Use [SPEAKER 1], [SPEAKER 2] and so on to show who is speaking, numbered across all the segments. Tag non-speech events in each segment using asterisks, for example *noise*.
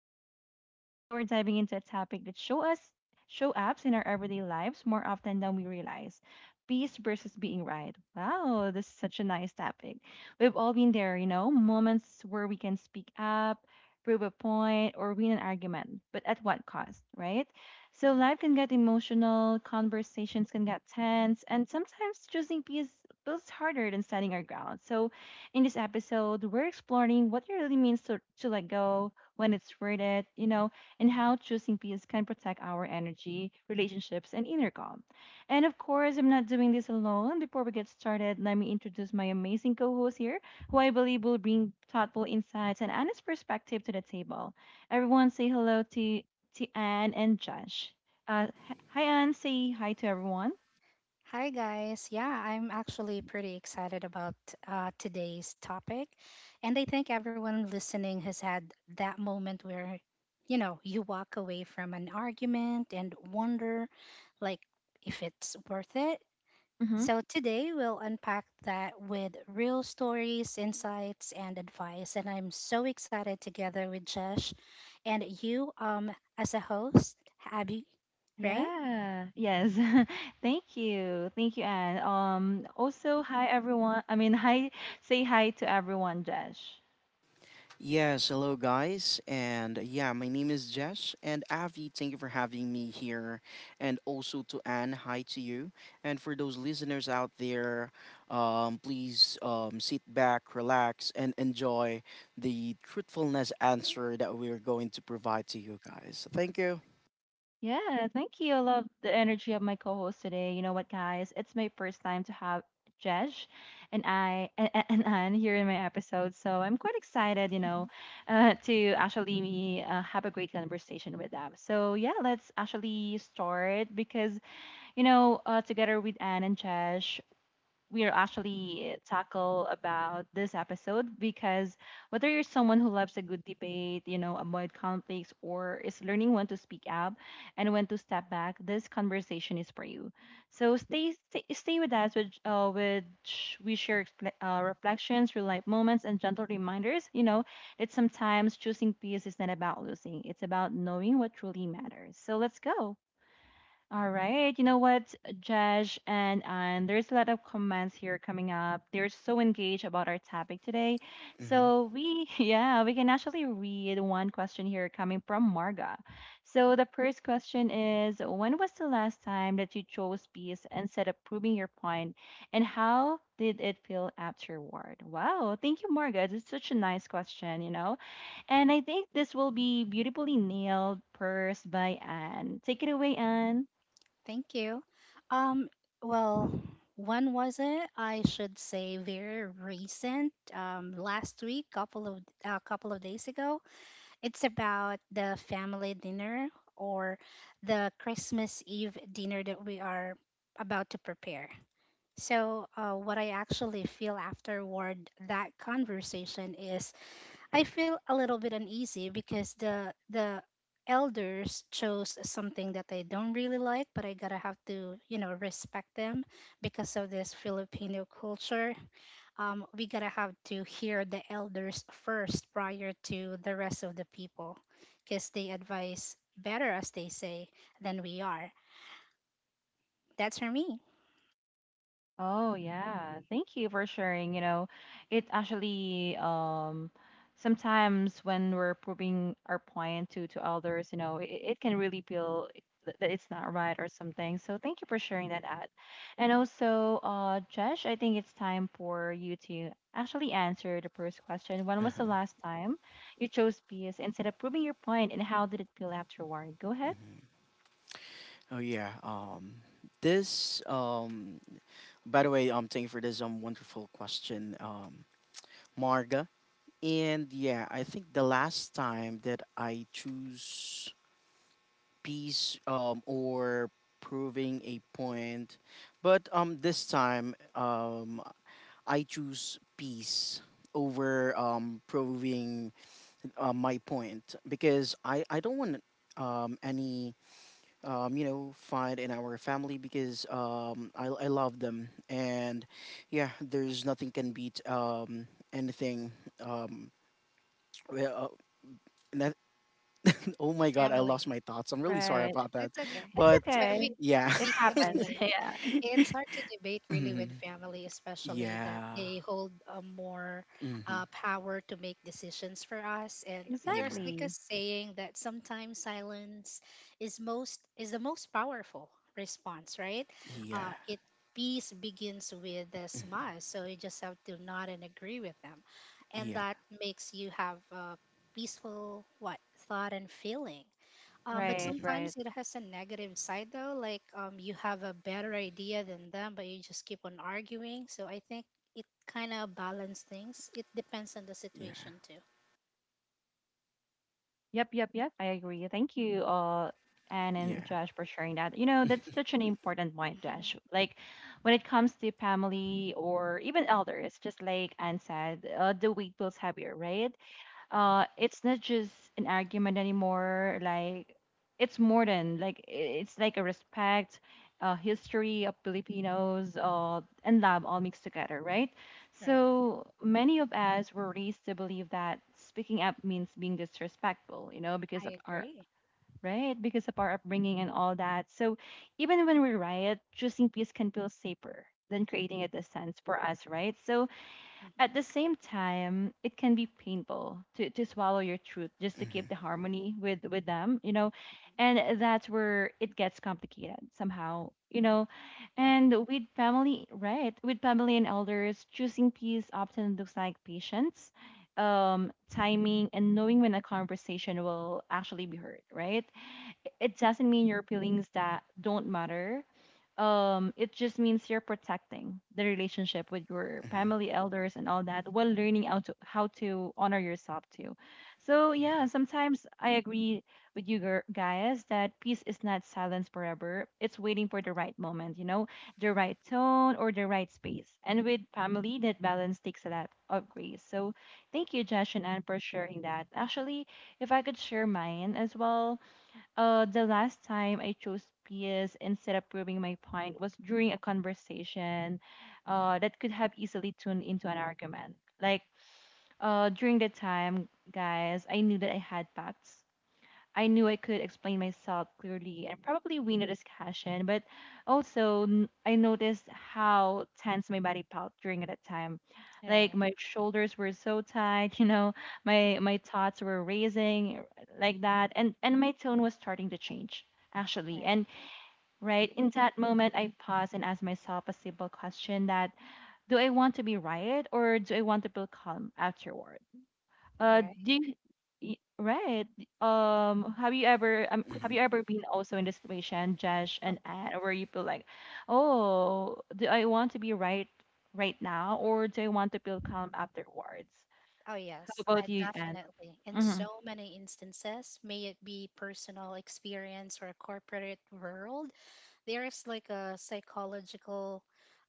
[SPEAKER 1] host Abby. Today we're diving into a topic that show us show ups in our everyday lives more often than we realize. Peace versus being right. Wow, this is such a nice topic. We've all been there, you know, moments where we can speak up, prove a point, or win an argument, but at what cost, right? So life can get emotional, conversations can get tense, and sometimes choosing peace feels harder than standing our ground. So in this episode, we're exploring what it really means to let go, when it's worth it. And how choosing peace can protect our energy, relationships, and inner calm. And of course, I'm not doing this alone. Before we get started, let me introduce my amazing co host here, who I believe will bring thoughtful insights and honest perspective to the table. Everyone, say hello to Anne and Josh. Hi, Anne. Say hi to everyone.
[SPEAKER 2] Hi guys. Yeah, I'm actually pretty excited about today's topic. And I think everyone listening has had that moment where, you know, you walk away from an argument and wonder like if it's worth it.
[SPEAKER 1] Mm-hmm.
[SPEAKER 2] So today we'll unpack that with real stories, insights, and advice. And I'm so excited together with Jesh and you as a host, Abby, right?
[SPEAKER 1] Yeah. Yes. *laughs* Thank you. Thank you, Anne. Also, hi everyone. I mean, hi. Say hi to everyone, Josh.
[SPEAKER 3] Yes, hello guys, and yeah, my name is Jess and Avi. Thank you for having me here, and also to Anne. Hi to you, and for those listeners out there, please sit back, relax, and enjoy the truthfulness answer that we're going to provide to you guys. Thank you.
[SPEAKER 1] Yeah. Thank you. I love the energy of my co-host today. You know what, guys? It's my first time to have Josh and I and Anne here in my episode, so I'm quite excited. To actually have a great conversation with them. So yeah, let's actually start because together with Anne and Chesh, we are actually tackle about this episode because whether you're someone who loves a good debate, you know, avoid conflicts, or is learning when to speak up and when to step back, this conversation is for you. So stay with us, which we share reflections, real life moments, and gentle reminders. You know that sometimes choosing peace is not about losing; it's about knowing what truly matters. So let's go. All right. You know what, Josh and Anne, there's a lot of comments here coming up. They're so engaged about our topic today.
[SPEAKER 3] hmm
[SPEAKER 1] So we, *laughs* yeah, we can actually read one question here coming from Marga. So the first question is, when was the last time that you chose peace instead of proving your point, and how did it feel afterward? Wow, thank you, Marga. This is such a nice question, you know. And I think this will be beautifully nailed first by Anne. Take it away, Anne.
[SPEAKER 2] Thank you. Um, well, when was it? I should say very recent. Last week, couple of days ago. It's about the family dinner or the Christmas Eve dinner that we are about to prepare. So, what I actually feel afterward that conversation is I feel a little bit uneasy because the elders chose something that I don't really like, but I gotta have to, you know, respect them because of this Filipino culture. We gotta have to hear the elders first prior to the rest of the people, because they advise better, as they say, than we are. That's for me.
[SPEAKER 1] Oh yeah, thank you for sharing. You know, it actually sometimes when we're proving our point to others, you know, it can really feel that it's not right or something. So thank you for sharing that ad. And also, Josh, I think it's time for you to actually answer the first question. When was the last time you chose peace instead of proving your point, and how did it feel afterward? Go ahead.
[SPEAKER 3] Oh yeah. This. By the way, thank you for this wonderful question, Marga. And yeah, I think the last time that I choose peace or proving a point, but this time I choose peace over proving my point because I don't want any you know fight in our family because I love them, and yeah, there's nothing can beat anything um, well, uh, no- Oh
[SPEAKER 2] With
[SPEAKER 3] my god, I lost
[SPEAKER 2] family.
[SPEAKER 3] my thoughts. I'm really sorry
[SPEAKER 1] Right.
[SPEAKER 3] about that.
[SPEAKER 2] That's okay.
[SPEAKER 1] It's
[SPEAKER 3] But
[SPEAKER 2] But
[SPEAKER 1] okay.
[SPEAKER 3] yeah.
[SPEAKER 1] It
[SPEAKER 3] *laughs*
[SPEAKER 2] we can
[SPEAKER 1] happens. *laughs*
[SPEAKER 2] relate.
[SPEAKER 1] Yeah.
[SPEAKER 2] It's hard to debate really with
[SPEAKER 3] Mhm.
[SPEAKER 2] family, especially that
[SPEAKER 3] Yeah.
[SPEAKER 2] they hold a more
[SPEAKER 3] hmm
[SPEAKER 2] power to make decisions for us. And there's
[SPEAKER 3] Yeah.
[SPEAKER 2] like a
[SPEAKER 1] Exactly.
[SPEAKER 2] saying that sometimes silence is the most powerful response, right?
[SPEAKER 3] Yeah.
[SPEAKER 2] It Peace begins with a smile, so you just have to nod and agree with them, and
[SPEAKER 3] Yeah.
[SPEAKER 2] that makes you have a peaceful what thought and feeling. But
[SPEAKER 1] Right, right.
[SPEAKER 2] sometimes it has a negative side though, like you have a better idea than them, but you just keep on arguing. So I think it kind of balance things. It depends on the
[SPEAKER 3] Yeah.
[SPEAKER 2] situation too.
[SPEAKER 1] Yep, yep, yep. I agree. Thank you, Anne and
[SPEAKER 3] Yeah.
[SPEAKER 1] Josh, for sharing that. You know, that's such an important
[SPEAKER 2] *laughs*
[SPEAKER 1] point,
[SPEAKER 2] Mhm.
[SPEAKER 1] Josh. Like, when it comes to family or even elders, just like Anne said, the weight feels heavier, right? It's not just an argument anymore. Like it's more than like I- It's like a respect, history of Filipinos, and love all mixed together, right?
[SPEAKER 2] Right.
[SPEAKER 1] So many of us were raised to believe that speaking up means being disrespectful, you know, because of
[SPEAKER 2] I
[SPEAKER 1] our,
[SPEAKER 2] agree.
[SPEAKER 1] right, because of our upbringing and all that. So even when we riot, choosing peace can feel safer than creating a distance for us, right? So
[SPEAKER 2] Mhm.
[SPEAKER 1] at the same time, it can be painful to swallow your truth just to
[SPEAKER 3] hmm
[SPEAKER 1] keep the harmony with them, you know, and that's where it gets complicated somehow, you know.
[SPEAKER 2] Right.
[SPEAKER 1] And with family, right? With family and elders, choosing peace often looks like patience, timing, and knowing when a conversation will actually be heard, right? It doesn't mean your feelings that don't matter. It just means you're protecting the relationship with your
[SPEAKER 3] hmm
[SPEAKER 1] family elders and all that, while learning how to honor yourself too. So yeah,
[SPEAKER 3] Yeah.
[SPEAKER 1] sometimes I agree with you guys that peace is not silence forever, it's waiting for the right moment, you know, the right tone or the right space, and with family that balance takes a lot of grace. So thank you Josh and Anne for sharing that. Actually, if I could share mine as well, the last time I chose PS instead of proving my point was during a conversation that could have easily turned into an argument. Like During the time, guys, I knew that I had facts, I knew I could explain myself clearly and probably win the discussion, but also I noticed how tense my body felt during that time. Like
[SPEAKER 2] Right.
[SPEAKER 1] my shoulders were so tight, *laughs* you know, my thoughts were raising like that, and my tone was starting to change actually.
[SPEAKER 2] Right.
[SPEAKER 1] And right in that moment, I paused and asked myself a simple question: that do I want to be right, or do I want to feel calm afterward?
[SPEAKER 2] Right.
[SPEAKER 1] Do you, right? Have you
[SPEAKER 3] hmm
[SPEAKER 1] ever been also in the situation, Josh
[SPEAKER 2] Oh,
[SPEAKER 1] and Anne, where you feel like, oh, do I want to be right right now, or do I want to feel calm afterwards?
[SPEAKER 2] oh
[SPEAKER 1] How
[SPEAKER 2] yes, I
[SPEAKER 1] about you, Anne?
[SPEAKER 2] definitely. In so many instances, may it be personal experience or corporate world, there is like a psychological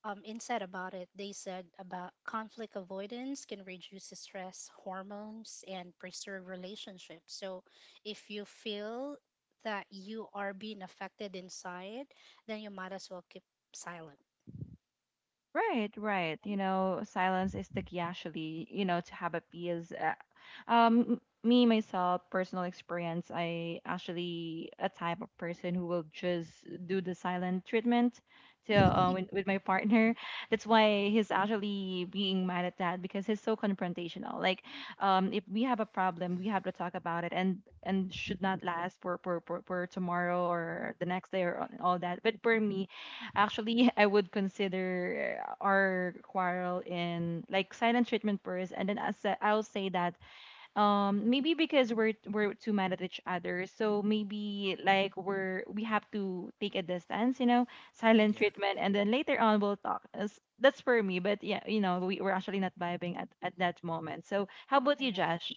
[SPEAKER 2] insight about it. They said about conflict avoidance can reduce the stress hormones and preserve relationships. So if you feel that you are being affected inside, then you might as well keep silent.
[SPEAKER 1] Right, right. You know, silence is the key actually, you know, to have a peace. Me, myself, personal experience, I actually a type of person who will just do the silent treatment to
[SPEAKER 2] *laughs*
[SPEAKER 1] uh,
[SPEAKER 2] Right.
[SPEAKER 1] with, with my partner. That's why he's actually being mad at that, because he's so confrontational. Like, if we have a problem, we have to
[SPEAKER 3] hmm
[SPEAKER 1] talk about it, and should not last for tomorrow or the next day or all that. But for me, actually, *laughs* I would consider our quarrel in like silent treatment first, and then I'll say that maybe because we're too mad at each other, so maybe like we have to take a distance, you know, silent
[SPEAKER 2] Mhm.
[SPEAKER 3] Yeah.
[SPEAKER 1] treatment, and then later on we'll talk. That's for me, but yeah, you know, we we're actually not vibing at that moment. So how about you,
[SPEAKER 2] Right.
[SPEAKER 1] Josh?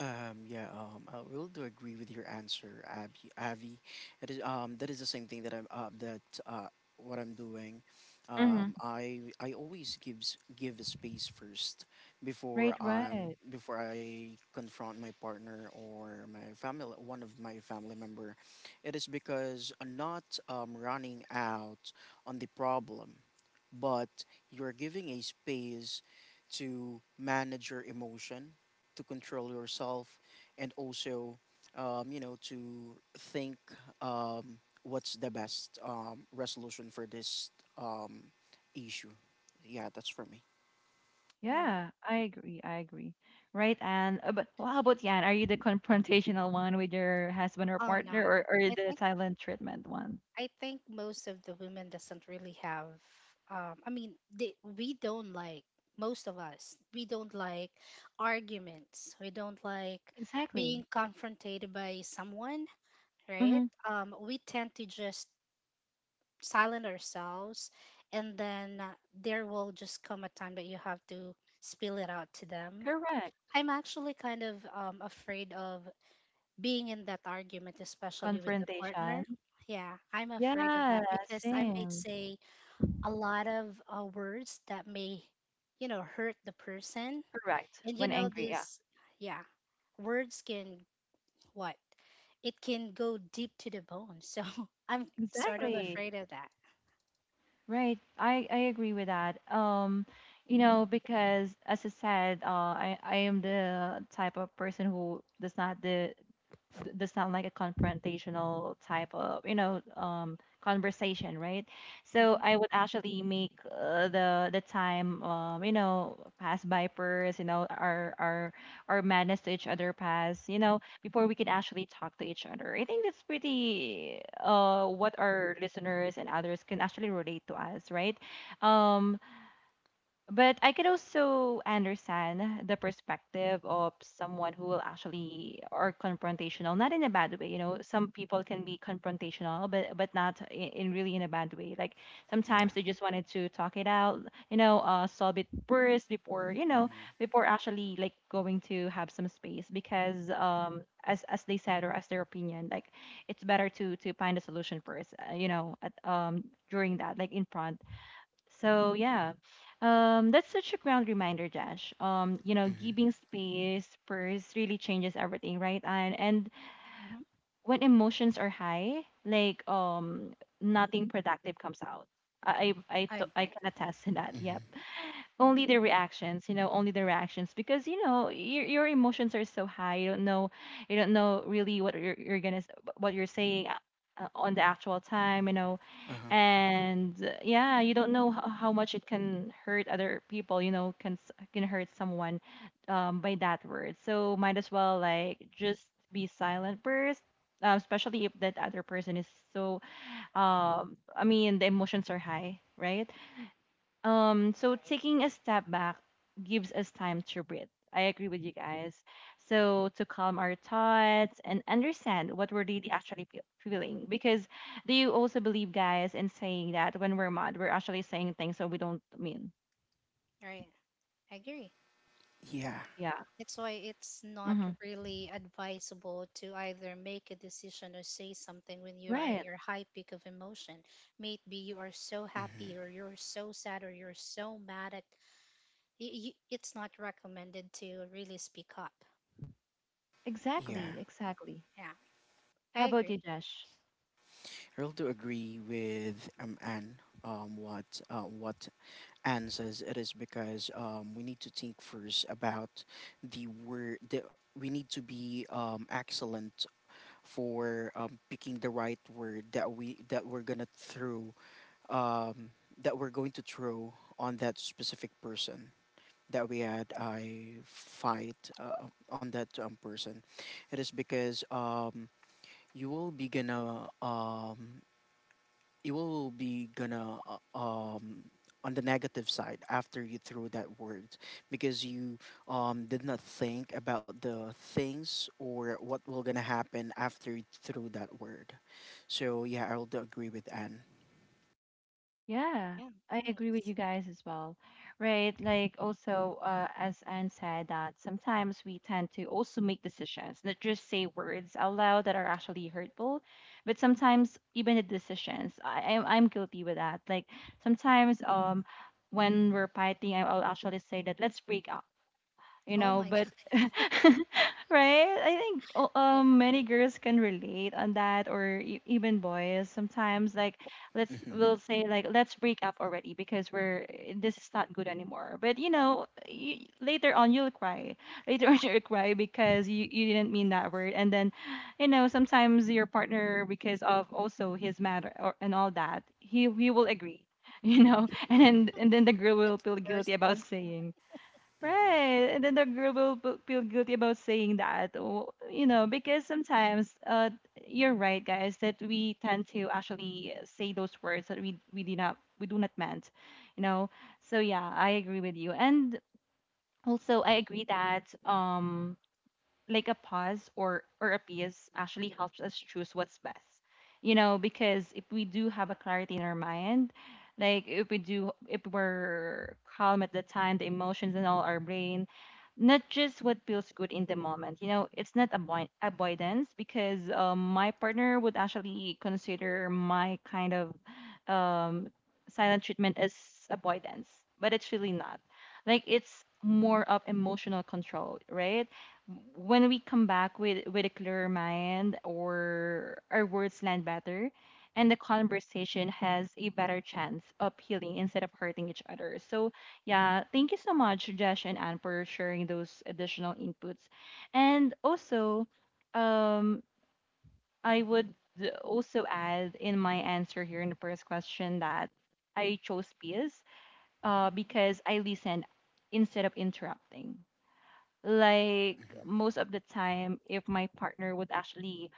[SPEAKER 3] Yeah, I will do agree with your answer, Abby. Avi, it is that is the same thing that I'm that what I'm doing.
[SPEAKER 1] Mm-hmm.
[SPEAKER 3] I always give a space first before
[SPEAKER 1] Right, right.
[SPEAKER 3] before I confront my partner or my family, one of my family member. It is because I'm not running out on the problem, but you're giving a space to manage your emotion, to control yourself, and also to think um, what's the best resolution for this um, issue. Yeah, that's for me.
[SPEAKER 2] All right.
[SPEAKER 1] Yeah, I agree. I agree. Right, Anne. But well, how
[SPEAKER 2] Yeah.
[SPEAKER 1] about Yan? Are you the confrontational one with your husband or
[SPEAKER 2] Oh
[SPEAKER 1] partner,
[SPEAKER 2] no.
[SPEAKER 1] or the silent treatment one?
[SPEAKER 2] I think most of the women doesn't really have. I mean, they, we don't like most of us. We don't like arguments. We don't like being
[SPEAKER 1] Exactly.
[SPEAKER 2] confronted by someone, right?
[SPEAKER 1] Mm-hmm.
[SPEAKER 2] We tend to just silent ourselves, and then there will just come a time that you have to spill it out to them.
[SPEAKER 1] Correct.
[SPEAKER 2] I'm actually kind of afraid of being in that argument, especially with the partner.
[SPEAKER 1] Confrontation.
[SPEAKER 2] Yeah, I'm afraid of
[SPEAKER 1] Yeah,
[SPEAKER 2] that because I might
[SPEAKER 1] same.
[SPEAKER 2] say a lot of words that may, you know, hurt the person.
[SPEAKER 1] Correct.
[SPEAKER 2] And you
[SPEAKER 1] When
[SPEAKER 2] know,
[SPEAKER 1] angry. Yeah.
[SPEAKER 2] this, yeah, words can what? It can go deep to the bone. So *laughs* I'm sort of
[SPEAKER 1] Exactly.
[SPEAKER 2] afraid of that.
[SPEAKER 1] Right. I agree with that. You know, because as I said, I am the type of person who does not the does sound like a confrontational type of, you know, conversation, right? So
[SPEAKER 2] Mm-hmm,
[SPEAKER 1] I would actually make, the time, you know, pass by first, you know, our madness to each other pass, you know, before we could actually talk to each other. I think that's pretty what our listeners and others can actually relate to us, right? Um, but I could also understand the perspective of someone who will actually are confrontational, not in a bad way. You know, some people can be confrontational, but not in really in a bad way. Like sometimes
[SPEAKER 3] Yeah.
[SPEAKER 1] they just wanted to talk it out. You know, solve it first before, you know,
[SPEAKER 3] Mm-hmm.
[SPEAKER 1] before actually like going to have some space, because um, as they said or as their opinion, like it's better to find a solution first. You know, at, during that like in front so yeah, That's such a ground reminder, Josh. You know,
[SPEAKER 3] Mm-hmm.
[SPEAKER 1] giving space first really changes everything, right? And
[SPEAKER 2] mm-hmm,
[SPEAKER 1] when emotions are high, like nothing productive comes out.
[SPEAKER 2] I
[SPEAKER 1] I
[SPEAKER 2] agree.
[SPEAKER 1] can attest to that.
[SPEAKER 3] Mm-hmm.
[SPEAKER 1] Yep. Only the reactions, you know, only the reactions, because you know your emotions are so high. You don't know really what what you're saying, on the actual time. You know
[SPEAKER 3] Uh-huh.
[SPEAKER 1] and yeah, you don't know how much it can hurt other people, you know, can hurt someone by that word. So might as well like just be silent first, especially if that other person is so, um, I mean the emotions are high, right? Um, so
[SPEAKER 2] Right,
[SPEAKER 1] taking a step back gives us time to breathe. I agree with you guys. So to calm our thoughts and understand what we're really actually feeling. Because do you also believe, guys, in saying that when we're mad, we're actually saying things that we don't mean?
[SPEAKER 2] right. I agree.
[SPEAKER 3] Yeah.
[SPEAKER 1] Yeah.
[SPEAKER 2] That's why it's not
[SPEAKER 1] Mm-hmm.
[SPEAKER 2] really advisable to either make a decision or say something when you are in
[SPEAKER 1] Right.
[SPEAKER 2] your high peak of emotion. Maybe you are so
[SPEAKER 3] Mm-hmm.
[SPEAKER 2] happy or you're so sad or you're so mad at it's not recommended to really speak up.
[SPEAKER 3] Yeah,
[SPEAKER 1] Exactly. Exactly.
[SPEAKER 2] Yeah, I
[SPEAKER 1] How about
[SPEAKER 2] agree.
[SPEAKER 1] you, Josh?
[SPEAKER 3] I also agree with Anne, what Anne says. It is because we need to think first about the word the, we need to be excellent for picking the right word that we're gonna throw um, that we're going to throw on that specific person that we had a fight on, that person. It is because you will be gonna um, you will be gonna on the negative side after you threw that word, because you did not think about the things or what will gonna happen after you threw that word. So yeah, I'll do agree with Anne.
[SPEAKER 1] Yeah,
[SPEAKER 2] Yeah,
[SPEAKER 1] I agree with
[SPEAKER 2] thanks.
[SPEAKER 1] you guys as well. Right? Like also as Anne said that sometimes we tend to also make decisions, not just say words out loud that are actually hurtful, but sometimes even the decisions. I'm guilty with that. Like sometimes when we're fighting, I'll actually say that let's break up, you
[SPEAKER 2] Oh
[SPEAKER 1] know,
[SPEAKER 2] my *laughs*
[SPEAKER 1] but
[SPEAKER 2] God.
[SPEAKER 1] *laughs* right, I think
[SPEAKER 2] Yeah,
[SPEAKER 1] many girls can relate on that, or even boys sometimes, like let's
[SPEAKER 3] Mhm.
[SPEAKER 1] we'll say like let's break up already because we're, this is not good anymore. But you know, y later on you'll cry, later on *laughs* you'll cry because you didn't mean that word. And then you know, sometimes your partner, because of also his matter, and all that, he will agree *laughs* you know. And then, the girl will
[SPEAKER 2] that's the
[SPEAKER 1] feel
[SPEAKER 2] worst
[SPEAKER 1] guilty about
[SPEAKER 2] part.
[SPEAKER 1] saying.
[SPEAKER 3] Mhm.
[SPEAKER 1] Right. And then the girl will feel guilty about saying that, or, you know, because sometimes you're right, guys, that we tend to actually say those words that we do not meant, you know. So yeah, I agree with you. And also I agree that like a pause, or a piece actually helps us choose what's best, you know, because if we do have a clarity in our mind, like if we do, if we're calm at the time, the emotions and all our brain, not just what feels good in the moment. You know, it's not avoidance, because my partner would actually consider my kind of um, silent treatment as avoidance, but it's really not. Like it's more of emotional control, right? When we come back with a clearer mind, or our words land better, and the conversation has a better chance of healing instead of hurting each other. So yeah, thank you so much, Jesh and Anne, for sharing those additional inputs. And also, um, I would also add in my answer here in the first question that I chose peace,
[SPEAKER 2] Mm-hmm.
[SPEAKER 1] because I listen instead of interrupting.
[SPEAKER 2] Right.
[SPEAKER 1] Like
[SPEAKER 3] Mhm.
[SPEAKER 1] most of the time, if my partner would actually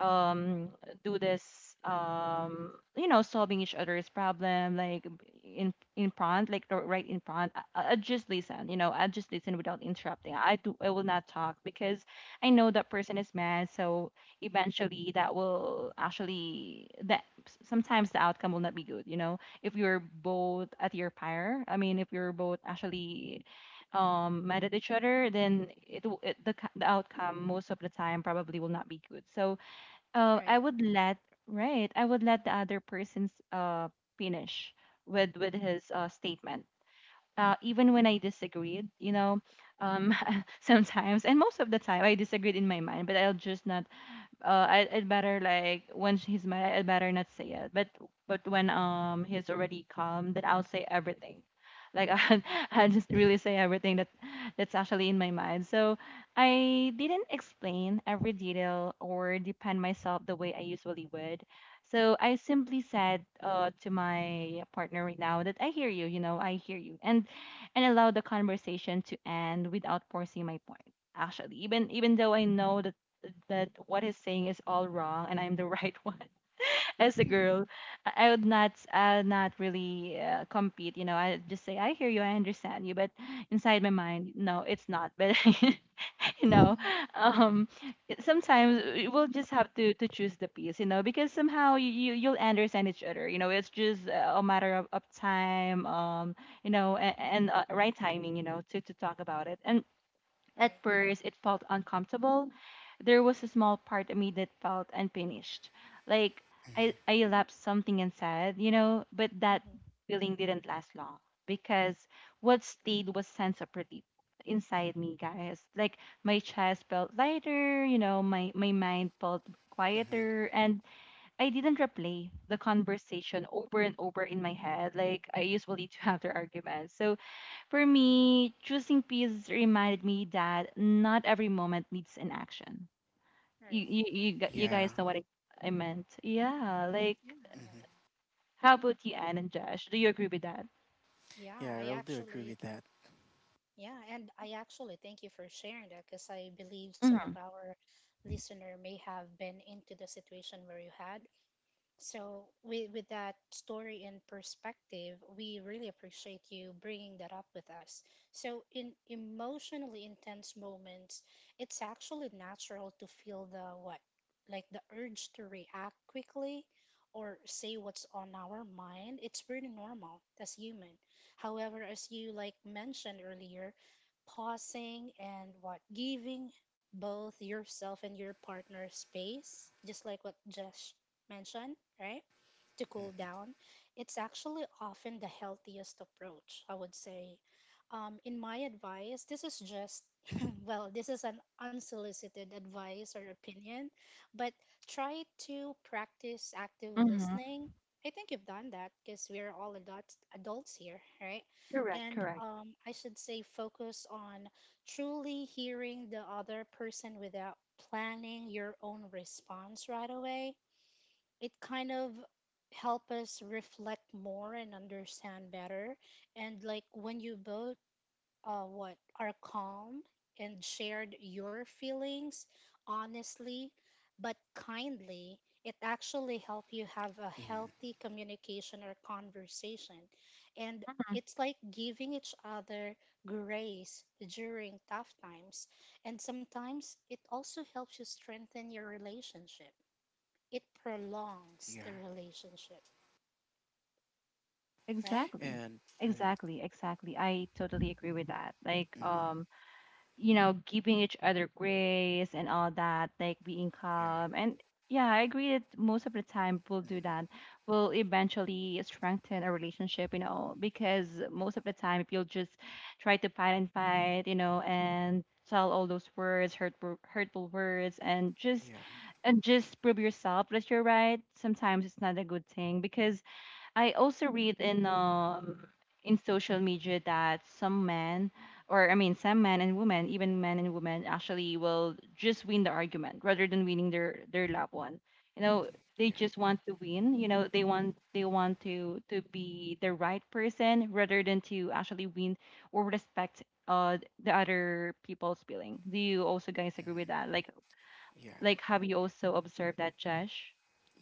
[SPEAKER 1] um do this you know, solving each other's problem, like in front, like right in front, I just listen. You know, I just listen without interrupting. I do I will not talk because I know that person is mad. So eventually that will actually sometimes the outcome will not be good, you know, if you're both at your fire, I mean if you're both actually mad at each other, then it, w- it the, c- the outcome most of the time probably will not be good. So I
[SPEAKER 2] Right.
[SPEAKER 1] would let, right. I would let the other person's finish with his statement. Even when I disagreed, you know, um, *laughs* sometimes, and most of the time I disagreed in my mind, but I'll just not I'd better, like when he's mad, I'd better not say it. But when he's already calm, then I'll say everything. Like *laughs* I just really say everything that that's actually in my mind. So I didn't explain every detail or defend myself the way I usually would. So I simply said, to my partner right now, that I hear you, you know, I hear you, and allow the conversation to end without forcing my point, actually, even even though I know that what he's saying is all wrong and I'm the *laughs* right one. As a
[SPEAKER 2] Mm-hmm.
[SPEAKER 1] girl, I would not, I would not really compete. You know, I just say I hear you, I understand you, but inside my mind, no, it's not. But *laughs* you know,
[SPEAKER 2] *laughs*
[SPEAKER 1] um, sometimes we'll just have to choose the piece. You know, because somehow you'll understand each other. You know, it's just a matter of time. You know, and right timing. You know, to talk about it. And at
[SPEAKER 2] Right.
[SPEAKER 1] first, it felt uncomfortable. There was a small part of me that felt unfinished. Like
[SPEAKER 3] Mhm.
[SPEAKER 1] I lapsed something and said, you know, but that
[SPEAKER 2] Mm-hmm.
[SPEAKER 1] feeling didn't last long, because what stayed was sense of relief inside me, guys. Like my chest felt lighter, you know, my mind felt
[SPEAKER 3] Mhm.
[SPEAKER 1] quieter, and I didn't replay the conversation over and over in my head like I usually do *laughs* after arguments. So for me, choosing peace reminded me that not every moment needs an action.
[SPEAKER 2] Right.
[SPEAKER 1] You
[SPEAKER 3] Yeah.
[SPEAKER 1] guys know what I meant. Yeah, like
[SPEAKER 2] Yeah, yeah, yeah.
[SPEAKER 3] Mhm.
[SPEAKER 1] how about you, Anne and Josh? Do you agree with that?
[SPEAKER 2] Yeah,
[SPEAKER 3] Yeah, I
[SPEAKER 2] I
[SPEAKER 3] really do agree
[SPEAKER 2] actually
[SPEAKER 3] with that.
[SPEAKER 2] Yeah, and I actually thank you for sharing that because I believe some of
[SPEAKER 1] Mm-hmm.
[SPEAKER 2] our listener may have been into the situation where you had. So with that story and perspective, we really appreciate you bringing that up with us. So in emotionally intense moments, it's actually natural to feel the what? Like the urge to react quickly or say what's on our mind. It's pretty normal as human. However, as you like mentioned earlier, pausing and what giving both yourself and your partner space, just like what Josh mentioned, right? To cool down, it's actually often the healthiest approach, I would say. In my advice, this is just, *laughs* well, this is an unsolicited advice or opinion, but try to practice active
[SPEAKER 1] Mm-hmm.
[SPEAKER 2] listening. I think you've done that because we're all adults here, right?
[SPEAKER 1] Correct,
[SPEAKER 2] And
[SPEAKER 1] correct.
[SPEAKER 2] I should say, focus on truly hearing the other person without planning your own response right away. It kind of help us reflect more and understand better, and like when you both what are calm and shared your feelings honestly but kindly, it actually help you have a
[SPEAKER 3] Mhm.
[SPEAKER 2] healthy communication or conversation, and it's like giving each other grace during tough times, and sometimes it also helps you strengthen your relationship. It prolongs
[SPEAKER 3] Yeah.
[SPEAKER 2] the relationship, right?
[SPEAKER 1] Exactly.
[SPEAKER 3] And mhm.
[SPEAKER 1] Exactly, exactly. I totally agree with that. Like
[SPEAKER 3] Mhm.
[SPEAKER 1] you know, giving each other grace and all that, like being
[SPEAKER 3] Yeah.
[SPEAKER 1] calm. And yeah, I agree that most of the time we'll do that.
[SPEAKER 3] Mhm.
[SPEAKER 1] We'll eventually strengthen a relationship, you know, because most of the time, if you'll just try to fight and fight, you know, and tell all those words, hurtful, hurtful words,
[SPEAKER 3] Yeah.
[SPEAKER 1] and just prove yourself that you're right, sometimes it's not a good thing, because I also read in social media that some men, or I mean some men and women, even men and women, actually will just win the argument rather than winning their loved one. You know, they
[SPEAKER 3] Yeah.
[SPEAKER 1] just want to win, you know, they want to be the right person rather than to actually win or respect the other people's feeling. Do you also guys agree with that? Like
[SPEAKER 3] Yeah.
[SPEAKER 1] have you also observed that, Josh?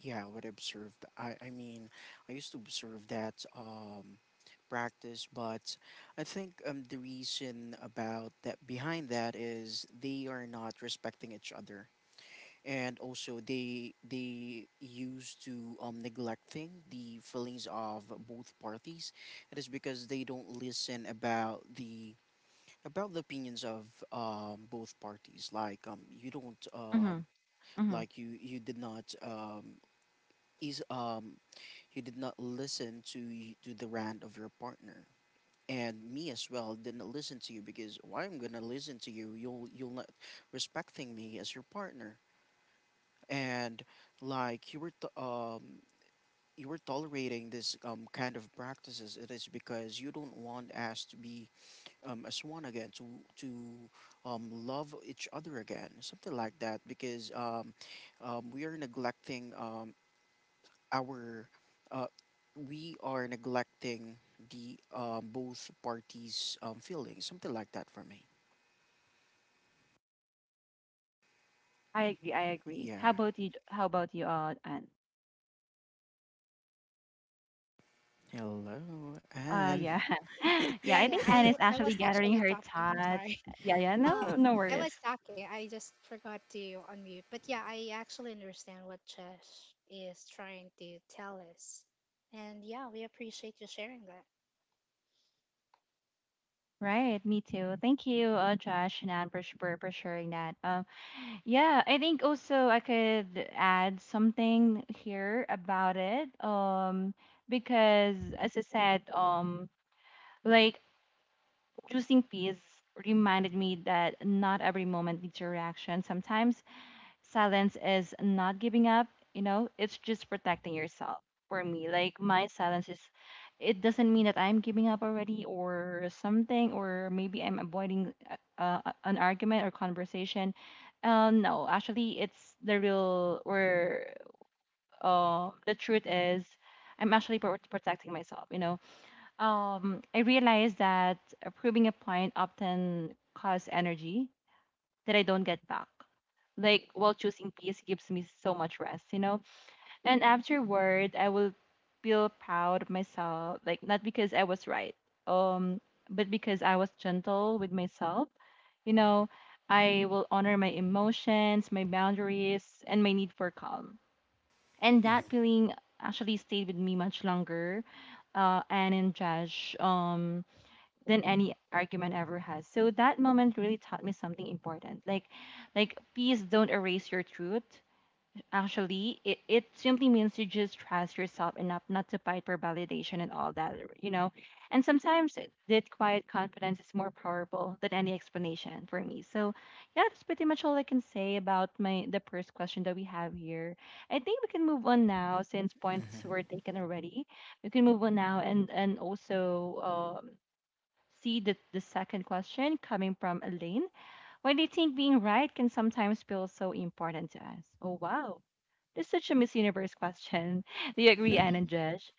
[SPEAKER 3] Yeah, what I observed, I mean I used to observe that practice, but I think the reason about that behind that is they are not respecting each other, and also they used to neglecting the feelings of both parties. It is because they don't listen about the opinions of both parties. Like you don't
[SPEAKER 1] Mm-hmm.
[SPEAKER 3] you did not is you did not listen to to the rant of your partner, and me as well didn't listen to you. Because why I'm gonna listen to you? You'll not respecting me as your partner. And like you were tolerating this kind of practices. It is because you don't want us to be as one again, to love each other again, something like that, because we are neglecting our uh, we are neglecting the both parties' feelings, something like that, for me.
[SPEAKER 1] I agree. I agree.
[SPEAKER 3] Yeah.
[SPEAKER 1] How about you, Anne?
[SPEAKER 3] Hello, Anne.
[SPEAKER 1] Yeah, *laughs* yeah.
[SPEAKER 2] Yeah,
[SPEAKER 1] I think
[SPEAKER 2] yeah.
[SPEAKER 1] Anne is
[SPEAKER 2] I
[SPEAKER 1] actually
[SPEAKER 2] was
[SPEAKER 1] gathering
[SPEAKER 2] actually
[SPEAKER 1] her
[SPEAKER 2] talking. I'm
[SPEAKER 1] thoughts.
[SPEAKER 2] sorry. *laughs*
[SPEAKER 1] Yeah, yeah. No,
[SPEAKER 2] Uh,
[SPEAKER 1] no
[SPEAKER 2] I
[SPEAKER 1] worries.
[SPEAKER 2] was talking. I just forgot to unmute. But yeah, I actually understand what Chesh is trying to tell us. And yeah, we appreciate you sharing that.
[SPEAKER 1] Right. Me too. Thank you, Josh and Anne, for for sharing that. Yeah. I think also I could add something here about it. Because as I said, like choosing peace reminded me that not every moment needs a reaction. Sometimes silence is not giving up, you know, it's just protecting yourself. For me, like, my silence is, it doesn't mean that I'm giving up already or something, or maybe I'm avoiding an argument or conversation. No, actually, it's the real, or the truth is, I'm actually protecting myself, you know. I realized that proving a point often costs energy that I don't get back. Like while choosing peace gives me so much rest, you know? And afterward I will feel proud of myself, like not because I was right, um, but because I was gentle with myself. You know, I will honor my emotions, my boundaries, and my need for calm. And that
[SPEAKER 3] *laughs*
[SPEAKER 1] feeling actually stayed with me much longer. And in Josh, than any argument ever has. So that moment really taught me something important. Like please don't erase your truth. Actually, it simply means to just trust yourself enough not to fight for validation and all that, you know. And sometimes that quiet confidence is more powerful than any explanation for me. So yeah, that's pretty much all I can say about my the first question that we have here. I think we can move on now since points were taken already. We can move on now, and also see the second question coming from Elaine. Why do you think being right can sometimes feel so important to us? Oh, wow. This is such a Miss Universe question. *laughs* Do you agree, Anne and Josh?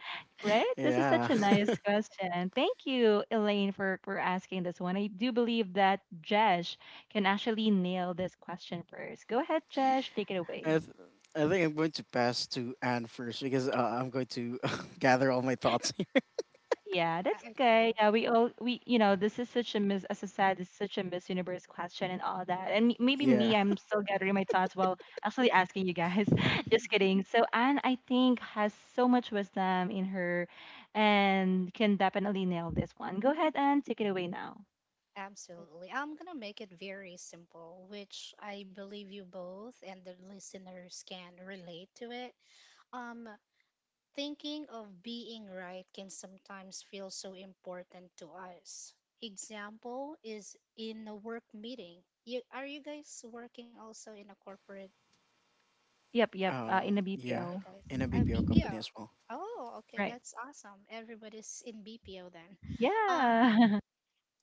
[SPEAKER 1] Right? This is
[SPEAKER 2] Yeah.
[SPEAKER 1] such
[SPEAKER 3] Yeah.
[SPEAKER 1] a
[SPEAKER 3] *laughs*
[SPEAKER 1] nice question. Thank you, Elaine, for asking this one. I do believe that Josh can actually nail this question first. Go ahead, Josh. Take it
[SPEAKER 3] I,
[SPEAKER 1] away.
[SPEAKER 3] th- I think I'm going to pass to Anne first because I'm going to *laughs* gather all my thoughts.
[SPEAKER 1] Yeah, that's
[SPEAKER 2] Uh,
[SPEAKER 1] okay. Yeah, we all we you know, this is such a miss, as a said, it's such a Miss Universe question and all that. And maybe
[SPEAKER 3] *laughs* Yeah.
[SPEAKER 1] me, I'm still gathering my thoughts while actually asking you guys. *laughs* Just
[SPEAKER 2] Okay.
[SPEAKER 1] kidding. So Anne, I think, has so much wisdom in her, and can definitely nail this one. Go ahead and take it away now.
[SPEAKER 2] *laughs* Absolutely. I'm going to make it very simple, which I believe you both and the listeners can relate to it. Um, Thinking of being right can sometimes feel so important to us. Example is in a work meeting. You are you guys working also in a corporate?
[SPEAKER 1] Yep, yep. In the
[SPEAKER 3] Yeah.
[SPEAKER 2] Are you
[SPEAKER 1] BPO,
[SPEAKER 2] guys?
[SPEAKER 3] In a BPO
[SPEAKER 2] BPO.
[SPEAKER 3] company as well.
[SPEAKER 2] Oh, okay,
[SPEAKER 1] right?
[SPEAKER 2] that's awesome. Everybody's in BPO then. Um,
[SPEAKER 1] Yeah,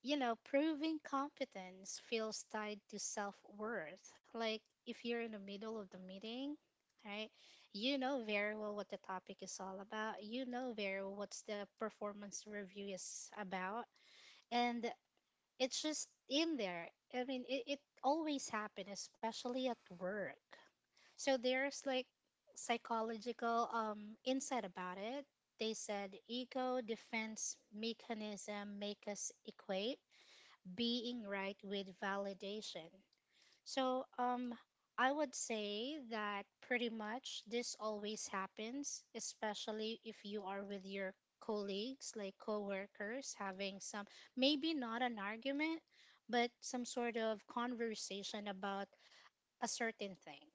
[SPEAKER 2] you know, proving competence feels tied to self worth. Like if you're in the middle of the meeting, right, you know very well what the topic is all about, you know very well what's the performance review is about, and it's just in there. I mean, it always happens, especially at work. So there's like psychological insight about it. They said ego defense mechanism make us equate being right with validation. So, I would say that pretty much this always happens, especially if you are with your colleagues, like coworkers, having some maybe not an argument, but some sort of conversation about a certain thing,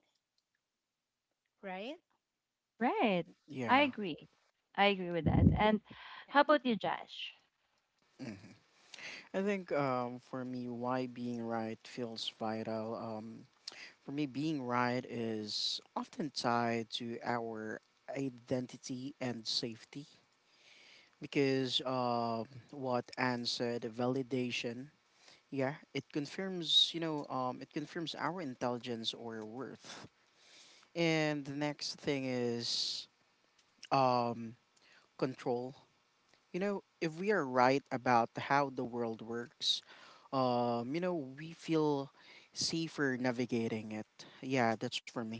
[SPEAKER 2] right?
[SPEAKER 1] *laughs* right. I
[SPEAKER 3] Yeah.
[SPEAKER 1] agree. I agree with that. And
[SPEAKER 2] Okay.
[SPEAKER 1] how about you, Josh?
[SPEAKER 3] hmm I think for me, why being right feels vital. For me, being right is often tied to our identity and safety, because what Anne said, validation. Yeah, it confirms, you know, it confirms our intelligence or worth. And the next thing is um, control. You know, if we are right about how the world works, you know, we feel safer navigating it. Yeah, that's for me.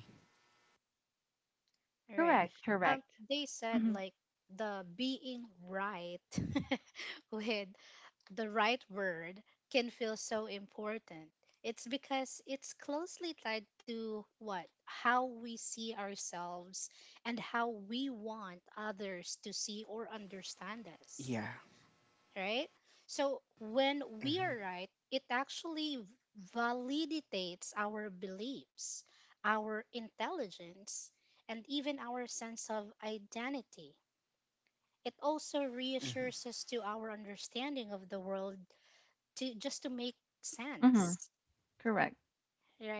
[SPEAKER 2] Right.
[SPEAKER 1] Correct.
[SPEAKER 2] Um,
[SPEAKER 1] Correct.
[SPEAKER 2] they said
[SPEAKER 1] Mm-hmm.
[SPEAKER 2] like the being right *laughs* with the right word can feel so important. It's because it's closely tied to what? How we see ourselves and how we want others to see or understand us,
[SPEAKER 3] Yeah.
[SPEAKER 2] right? So when we
[SPEAKER 3] hmm
[SPEAKER 2] are right, it actually validates our beliefs, our intelligence, and even our sense of identity. It also
[SPEAKER 3] Mhm.
[SPEAKER 2] reassures us to our understanding of the world to just to make
[SPEAKER 1] Mm-hmm.
[SPEAKER 2] sense,
[SPEAKER 1] Correct.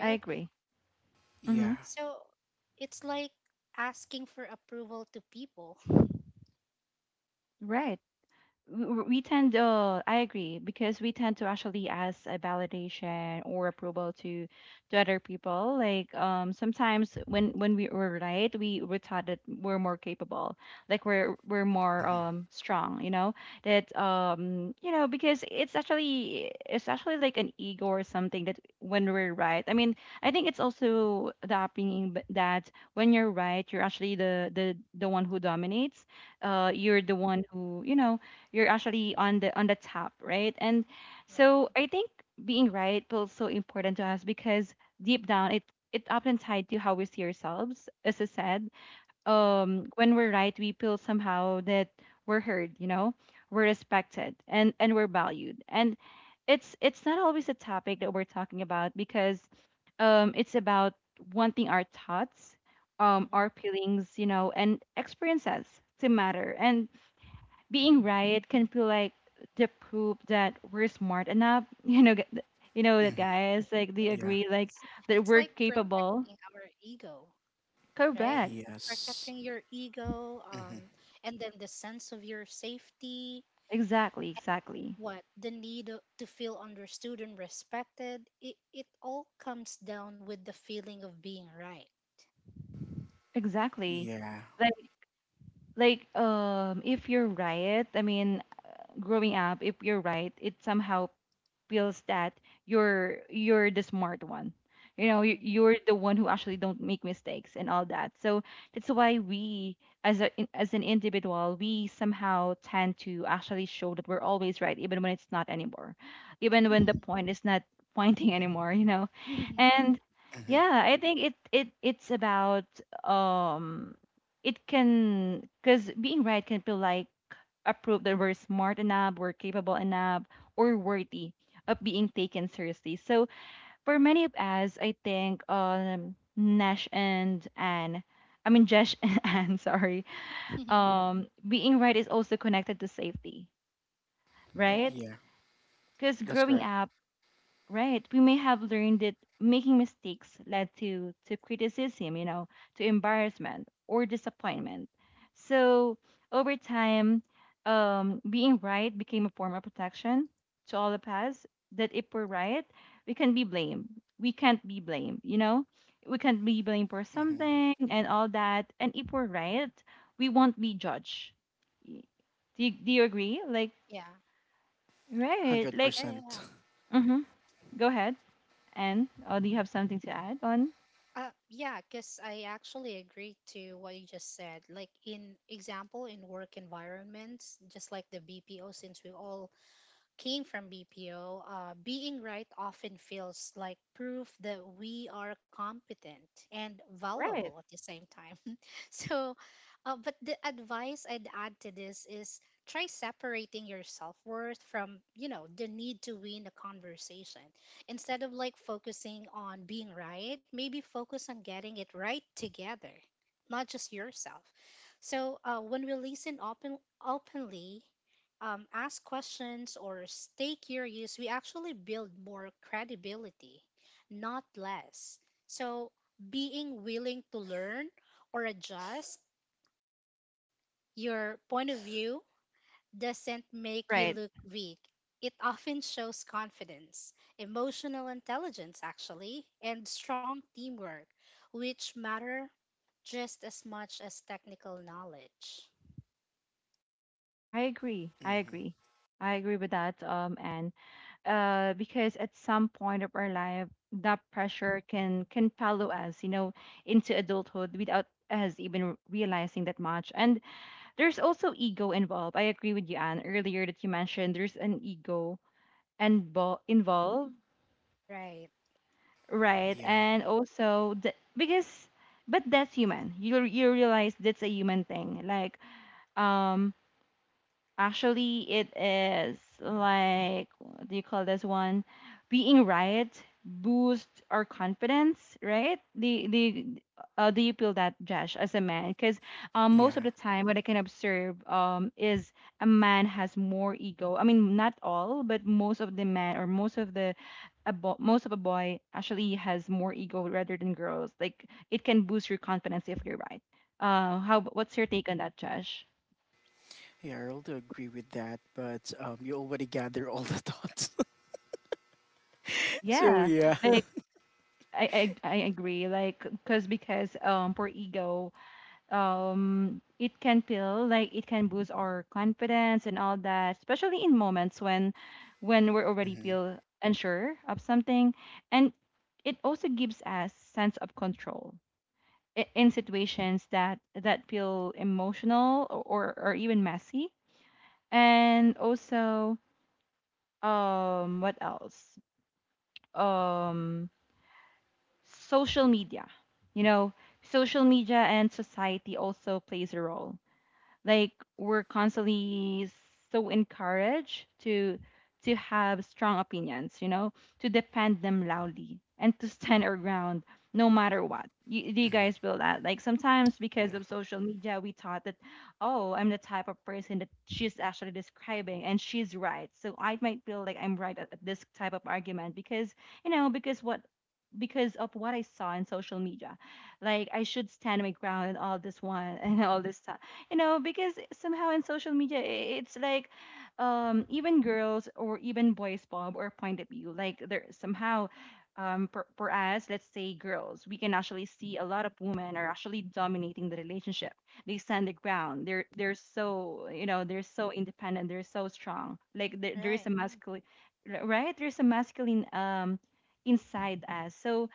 [SPEAKER 1] I agree. Hmm.
[SPEAKER 3] Yeah.
[SPEAKER 2] So it's like asking for approval to people.
[SPEAKER 1] Right. We tend, I agree, because we tend to actually ask a validation or approval to other people. Like sometimes when we were right, we were taught that we're more capable, like we're more
[SPEAKER 3] Mhm.
[SPEAKER 1] strong, you know, that you know, because it's actually, it's actually like an ego or something that when we're right. I think it's also the upbringing, that when you're right, you're actually the one who dominates. You're
[SPEAKER 2] Mhm.
[SPEAKER 1] the one who, you know, you're actually on the top, right? And
[SPEAKER 2] Yeah.
[SPEAKER 1] so I think being right feels so important to us because deep down, it often tied to how we see ourselves. As I said,
[SPEAKER 2] Mm-hmm.
[SPEAKER 1] when we're right, we feel somehow that we're heard, you know, we're respected and we're valued. And it's not always a topic that we're talking about because it's about wanting our thoughts, our
[SPEAKER 2] Mm-hmm.
[SPEAKER 1] feelings, you know, and experiences to matter. And being right can feel like the proof that we're smart enough. *laughs* You know, you know that
[SPEAKER 3] Mhm.
[SPEAKER 1] guys like they
[SPEAKER 3] Yeah.
[SPEAKER 1] agree, like
[SPEAKER 2] Yes.
[SPEAKER 1] that
[SPEAKER 2] It's
[SPEAKER 1] we're
[SPEAKER 2] like
[SPEAKER 1] capable.
[SPEAKER 2] protecting our ego, right?
[SPEAKER 1] Correct.
[SPEAKER 2] Protecting
[SPEAKER 3] Yes.
[SPEAKER 2] your ego,
[SPEAKER 3] Mhm.
[SPEAKER 2] and then the sense of your safety,
[SPEAKER 1] Exactly. Exactly.
[SPEAKER 2] what the need to feel understood and respected. It all comes down with the feeling of being right.
[SPEAKER 1] Exactly.
[SPEAKER 3] Yeah.
[SPEAKER 1] Like, if you're right, growing up, if you're right, it somehow feels that you're the smart one, you know, you're the one who actually don't make mistakes and all that. So that's why we, as an individual, we somehow tend to actually show that we're always right even when it's not anymore, even when the
[SPEAKER 2] Mm.
[SPEAKER 1] point is not *laughs* pointing anymore, you know.
[SPEAKER 2] *laughs*
[SPEAKER 1] And
[SPEAKER 3] Mhm.
[SPEAKER 1] yeah, I think it's about, um it can, because being right can feel like a proof that we're smart enough, we're capable enough, or worthy of being taken seriously. So for many of us, I think Nash and Anne, I mean Josh and *laughs* Anne, sorry, being right is also connected to safety, right?
[SPEAKER 2] Right.
[SPEAKER 3] Yeah.
[SPEAKER 1] Because
[SPEAKER 3] That's
[SPEAKER 1] growing
[SPEAKER 3] correct.
[SPEAKER 1] up, right, we may have learned that making mistakes led to criticism, you know, to embarrassment or disappointment. So over time, being right became a form of protection to all of us. That if we're right, we can be blamed. We can't be blamed, you know? We can't be blamed for
[SPEAKER 3] Mhm.
[SPEAKER 1] something and all that. And if we're right, we won't be judged. Y- do you agree? Like,
[SPEAKER 2] Yeah.
[SPEAKER 1] right. Like,
[SPEAKER 2] Yeah. Yeah. Yeah.
[SPEAKER 3] 100%.
[SPEAKER 1] mm-hmm. Go ahead. And do you have something to add on?
[SPEAKER 2] Yeah, because I actually agree to what you just said. Like in example, in work environments, just like the BPO, since we all came from BPO, being right often feels like proof that we are competent and valuable
[SPEAKER 1] Right,
[SPEAKER 2] at the same time. *laughs* So, but the advice I'd add to this is try separating your self worth from, you know, the need to win a conversation. Instead of like focusing on being right, maybe focus on getting it right together, not just yourself. So, when we listen openly, ask questions or stay curious, we actually build more credibility, not less. So, being willing to learn or adjust, your point of view doesn't make you
[SPEAKER 1] right.
[SPEAKER 2] look weak. It often shows confidence, emotional intelligence, actually, and strong teamwork, which matter just as much as technical knowledge.
[SPEAKER 1] I agree. I
[SPEAKER 3] Mhm.
[SPEAKER 1] agree. I agree with that. And because at some point of our life, that pressure can follow us, you know, into adulthood without us even realizing that much. And there's also ego involved. I agree with you, Anne, earlier that you mentioned there's an ego and involved,
[SPEAKER 2] Right,
[SPEAKER 1] right?
[SPEAKER 3] Yeah.
[SPEAKER 1] And also the, because, but that's human. You realize that's a human thing. Like um actually, it is like, what do you call this one? Being right boost our confidence, right? The Do you feel that, Josh, as a man? Because
[SPEAKER 3] Yeah.
[SPEAKER 1] most of the time, what I can observe is a man has more ego. I mean, not all, but most of the men or most of the, most of a boy actually has more ego rather than girls. Like it can boost your confidence if you're right. How? What's your take on that, Josh?
[SPEAKER 3] Yeah, I also agree with that, but you already gather all the thoughts. *laughs* So
[SPEAKER 1] Yeah,
[SPEAKER 3] yeah.
[SPEAKER 1] like I agree. Like, cause because for ego, it can feel like it can boost our confidence and all that, especially in moments when we already
[SPEAKER 3] Mm-hmm.
[SPEAKER 1] feel unsure of something, and it also gives us sense of control in situations that feel emotional or even messy, and also what else um social media, you know, social media and society also plays a role. Like we're constantly so encouraged to have strong opinions, you know, to defend them loudly and to stand our ground no matter what. You, do you
[SPEAKER 3] Mm-hmm.
[SPEAKER 1] guys feel that, like sometimes because
[SPEAKER 3] Yeah.
[SPEAKER 1] of social media, we thought that, oh, I'm the type of person that she's actually describing, and she's right, so I might feel like I'm right at this type of argument because, you know, because of what I saw in social media. Like I should stand my ground and all this one *laughs* and all this stuff. You know, because somehow in social media, it's like even girls or even boys bob or point of view, like there somehow, for us, let's say girls, we can actually see a lot of women are actually dominating the relationship. They stand the ground, they're so, you know, they're so independent, they're so strong. Like there is
[SPEAKER 2] right.
[SPEAKER 1] a masculine, right, there's a masculine inside us. So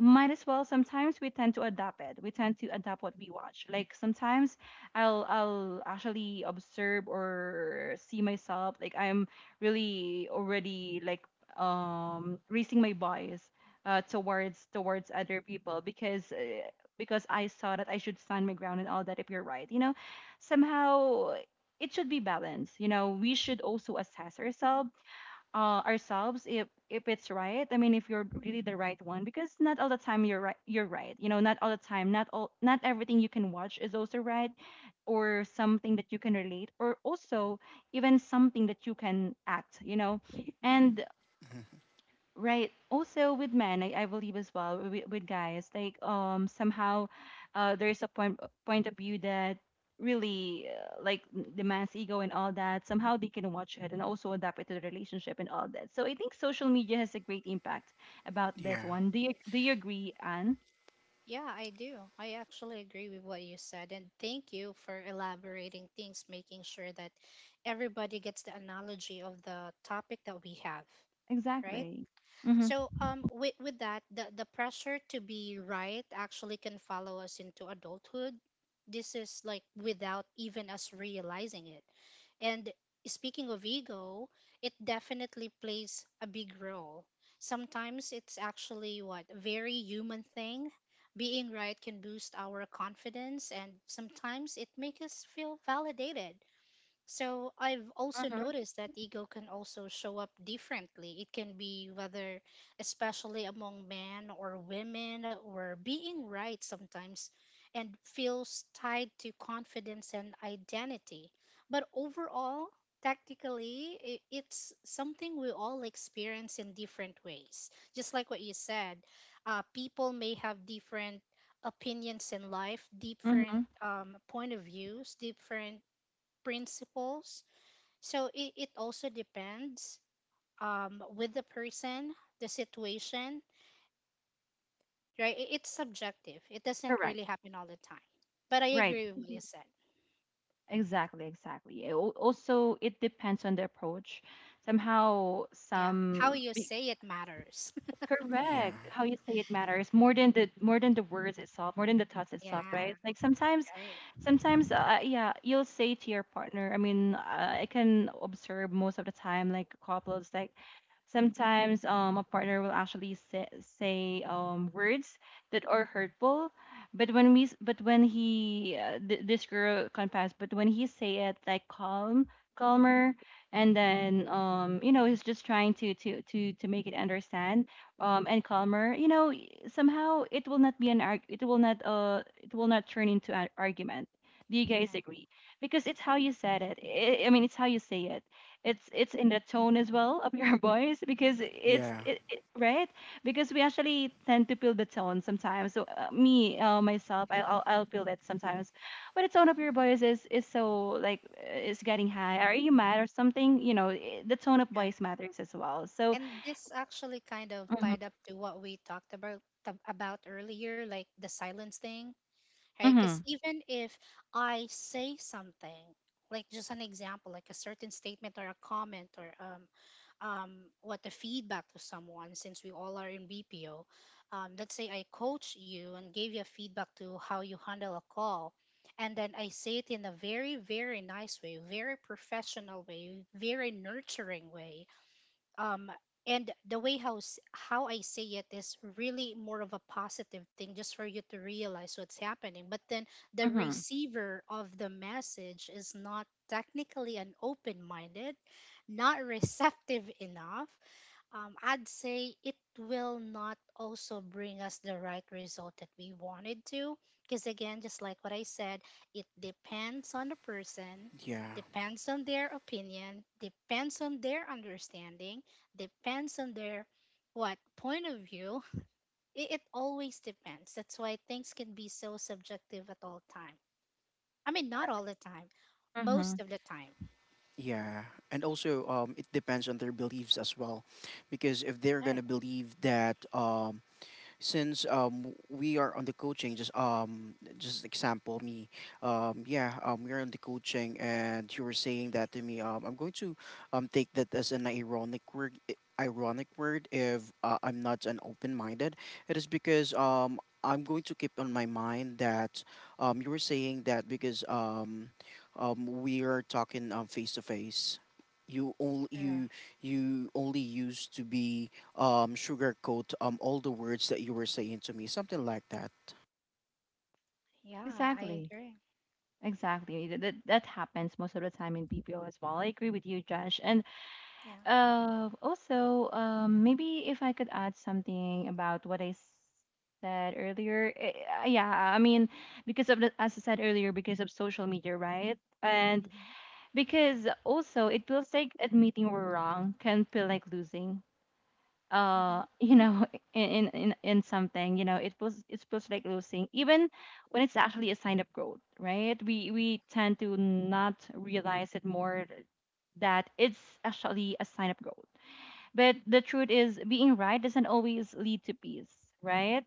[SPEAKER 1] might as well sometimes we tend to adapt it, we tend to adapt what we watch. Like sometimes I'll actually observe or see myself, like I'm really already like raising my voice towards other people because I saw that I should stand my ground and all that if you're right, you know. Somehow it should be balanced, you know. We should also assess ourselves, ourselves if it's right. I mean, if you're really the right one, because not all the time you're right. You're right. You know, not all the time. Not all. Not everything you can watch is also right, or something that you can relate, or also even something that you can act. You know, and
[SPEAKER 3] Mm-hmm.
[SPEAKER 1] right. Also with men, I believe as well with guys, like somehow, there is a point of view that really like the man's ego and all that. Somehow they can watch it and also adapt it to the relationship and all that. So I think social media has a great impact about this
[SPEAKER 3] Yeah.
[SPEAKER 1] one. Do you agree, Anne?
[SPEAKER 2] Yeah, I do. I actually agree with what you said. And thank you for elaborating things, making sure that everybody gets the analogy of the topic that we have, right?
[SPEAKER 1] Exactly. Mm-hmm.
[SPEAKER 2] So with that the pressure to be right actually can follow us into adulthood. This is like without even us realizing it. And speaking of ego, it definitely plays a big role. Sometimes it's actually what very human thing. Being right can boost our confidence and sometimes it makes us feel validated. So I've also
[SPEAKER 1] Mm-hmm.
[SPEAKER 2] noticed that ego can also show up differently. It can be whether, especially among men or women, where being right sometimes and feels tied to confidence and identity. But overall, technically, it's something we all experience in different ways. Just like what you said, people may have different opinions in life,
[SPEAKER 1] Mm-hmm.
[SPEAKER 2] different point of views, different principles. So it also depends with the person, the situation, right? It's subjective. It doesn't
[SPEAKER 1] Correct.
[SPEAKER 2] really happen all the time. But I
[SPEAKER 1] Right.
[SPEAKER 2] agree with what you said.
[SPEAKER 1] Exactly. Exactly. Also, it depends on the approach. Somehow,
[SPEAKER 2] Yeah. How you say it matters.
[SPEAKER 3] Yeah.
[SPEAKER 1] correct. How you say it matters more than the words itself, more than the thoughts
[SPEAKER 2] *laughs*
[SPEAKER 1] itself,
[SPEAKER 2] Yeah.
[SPEAKER 1] right? Like sometimes,
[SPEAKER 2] Right.
[SPEAKER 1] sometimes, yeah, you'll say to your partner. I mean, I can observe most of the time, like couples, like sometimes a partner will actually say, words that are hurtful, but but when he this girl confessed, but when he say it like calm, calmer, and then you know, he's just trying to make it understand and calmer. You know, somehow it will not be an arg, it will not turn into an argument. Do you
[SPEAKER 2] Yeah.
[SPEAKER 1] guys agree? Because it's how you said it. I mean, it's how you say it. It's
[SPEAKER 2] Yeah.
[SPEAKER 1] in the tone as well of your *laughs* voice because
[SPEAKER 3] Yeah.
[SPEAKER 1] right, because we actually tend to feel the tone sometimes. So me myself, I'll feel that sometimes, but the tone of your
[SPEAKER 2] Mhm.
[SPEAKER 1] voice is so like is getting high. Are you mad or something, you know? The tone of
[SPEAKER 2] Right.
[SPEAKER 1] voice matters as well. So
[SPEAKER 2] And this actually kind of
[SPEAKER 1] mm-hmm,
[SPEAKER 2] tied up to what we talked about about earlier, like the silence thing right?
[SPEAKER 1] mm-hmm,
[SPEAKER 2] Because even if I say something, like just an example, like a certain statement or a comment or what the feedback to someone, since we all are in BPO. Let's say I coach you and gave you a feedback to how you handle a call. And then I say it in a very, very nice way, very professional way, very nurturing way, um and the way how how I say it is really more of a positive thing just for you to realize what's happening. But then the
[SPEAKER 1] mm-hmm,
[SPEAKER 2] receiver of the message is not technically an open minded, not receptive enough. I'd say it will not also bring us the right result that we wanted to. Because again, just like what I said, it depends on the person,
[SPEAKER 3] Yeah.
[SPEAKER 2] depends on their opinion, depends on their understanding, depends on their what point of view. *laughs* It always depends. That's why things can be so subjective at all time. I mean, not all the time,
[SPEAKER 1] mm-hmm.
[SPEAKER 2] most of the time.
[SPEAKER 3] Yeah. And also it depends on their beliefs as well. Because if they're
[SPEAKER 2] All right.
[SPEAKER 3] gonna believe that since we are on the coaching, just example, me yeah, we're on the coaching and you were saying that to me, I'm going to take that as an ironic word, ironic word, if I'm not an open-minded. It is because I'm going to keep on my mind that you were saying that because we are talking face to face. you only
[SPEAKER 2] All right.
[SPEAKER 3] you you only used to be sugarcoat all the words that you were saying to me, something like that.
[SPEAKER 2] Yeah, I
[SPEAKER 1] Exactly,
[SPEAKER 2] agree.
[SPEAKER 1] exactly that, that happens most of the time in BPO as well. I agree with you, Josh. And
[SPEAKER 2] Yeah.
[SPEAKER 1] Also, maybe if I could add something about what said earlier. Eh, yeah, I mean, because of the, as I said earlier, because of social media, right? And
[SPEAKER 2] Mm-hmm.
[SPEAKER 1] because also it feels like admitting we're wrong can feel like losing.
[SPEAKER 2] Mm-hmm.
[SPEAKER 1] *laughs* You know, in something, you know, it feels like losing, even when it's actually a sign of growth, right? We tend to not realize it more that it's actually a sign of growth. But the truth is, being right doesn't always lead to peace, right?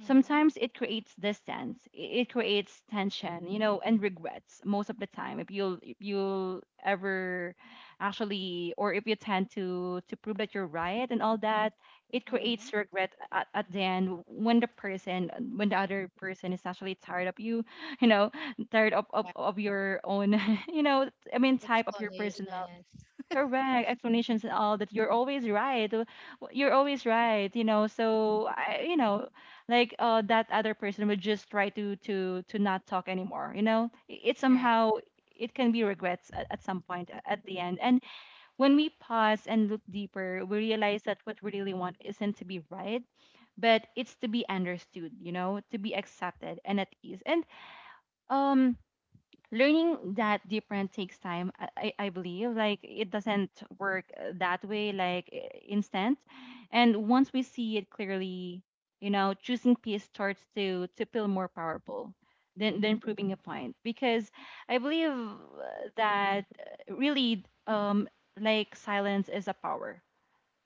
[SPEAKER 2] Mm-hmm.
[SPEAKER 1] Sometimes it creates distance, it creates tension, you know, and regrets most of the time. If you'll ever actually, or if you tend to prove that you're right and all that, it
[SPEAKER 2] Mm-hmm.
[SPEAKER 1] creates regret at the end when the person, when the other person is actually tired of you, *laughs* you know, tired
[SPEAKER 2] Yeah.
[SPEAKER 1] of your own, *laughs* you know, I mean, type of your personal
[SPEAKER 2] Explanations.
[SPEAKER 1] correct explanations and all that. You're always right. You're always right, you know. So I, you know, like that other person would just try to not talk anymore. You know, it
[SPEAKER 2] Right.
[SPEAKER 1] somehow it can be regrets at some point at the end. And when we pause and look deeper, we realize that what we really want isn't to be right, but it's to be understood. You know, to be accepted and at ease. And um learning that different takes time. I believe like it doesn't work that way, like instant. And once we see it clearly, you know, choosing peace starts to feel more powerful than proving a point. Because I believe that really like silence is a power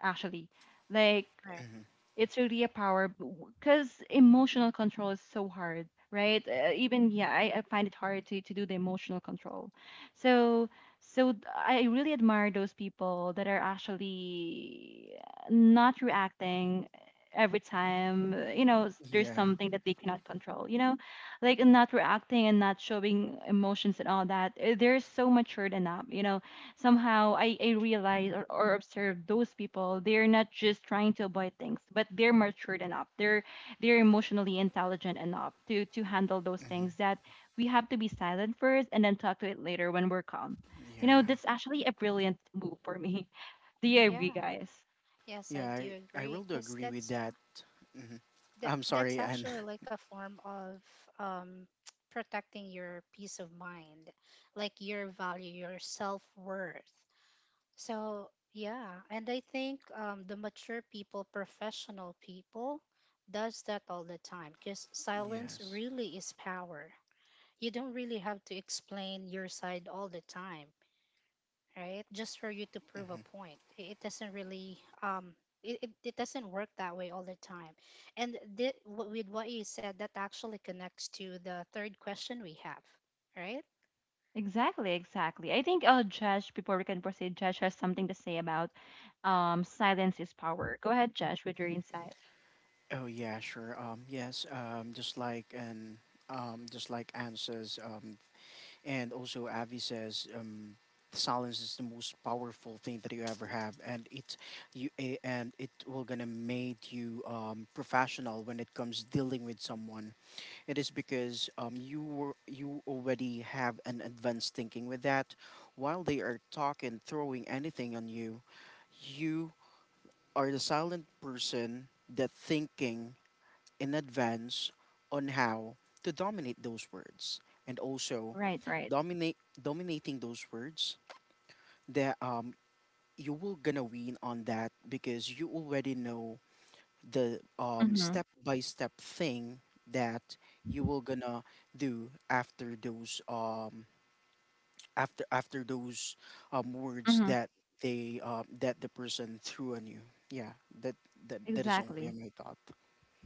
[SPEAKER 1] actually, like
[SPEAKER 2] Right.
[SPEAKER 3] hmm
[SPEAKER 1] it's really a power because emotional control is so hard, right? Even yeah, I find it hard to do the emotional control. So so I really admire those people that are actually not reacting every time there's
[SPEAKER 3] yeah.
[SPEAKER 1] something that they cannot control, like not reacting and not showing emotions and all that, they're so matured enough you know somehow I realize or observe those people. They're not just trying to avoid things, but they're matured enough, they're emotionally intelligent enough to handle those things.
[SPEAKER 3] hmm
[SPEAKER 1] That we have to be silent first and then talk to it later when we're calm, you know,
[SPEAKER 3] yeah,
[SPEAKER 1] that's actually a brilliant move for me. *laughs* Do you agree,
[SPEAKER 2] Yeah.
[SPEAKER 1] guys?
[SPEAKER 2] Yes,
[SPEAKER 3] yeah
[SPEAKER 2] I do
[SPEAKER 3] i i
[SPEAKER 2] agree.
[SPEAKER 3] really
[SPEAKER 2] Because
[SPEAKER 3] agree with
[SPEAKER 2] that's uh
[SPEAKER 3] that. hmm
[SPEAKER 2] that
[SPEAKER 3] I'm sorry,
[SPEAKER 2] that's
[SPEAKER 3] and
[SPEAKER 2] actually like a form of um *tsk* protecting your peace of mind, like your value, your self worth. So yeah, and I think the mature people, professional people, does that all the time. Because
[SPEAKER 3] *laughs*
[SPEAKER 2] silence
[SPEAKER 3] yes.
[SPEAKER 2] really is power. You don't really have to explain your side all the time, right? Just for you to prove a point. It doesn't really it, it, it doesn't work that way all the time. And thi- with what you said, that actually connects to the third question we have, right?
[SPEAKER 1] Exactly. I think uh, Josh, before we can proceed, Josh has something to say about um, silence is power. Go ahead, Josh, with your insight.
[SPEAKER 3] Oh yeah, sure. Yes, just like and just like Anne says, and also Avi says, silence is the most powerful thing that you ever have, and it, you A, and it will gonna make you professional when it comes dealing with someone. It is because you already have an advanced thinking with that. While they are talking, throwing anything on you, you are the silent person that thinking in advance on how to dominate those words, and also
[SPEAKER 1] Right, right.
[SPEAKER 3] dominate dominating those words, that you will gonna win on that, because you already know the
[SPEAKER 1] Mm-hmm.
[SPEAKER 3] step by step thing that you will gonna do after those after those words
[SPEAKER 1] Mm-hmm.
[SPEAKER 3] that the person threw on you. Yeah, that that is only
[SPEAKER 1] Exactly.
[SPEAKER 3] my thought.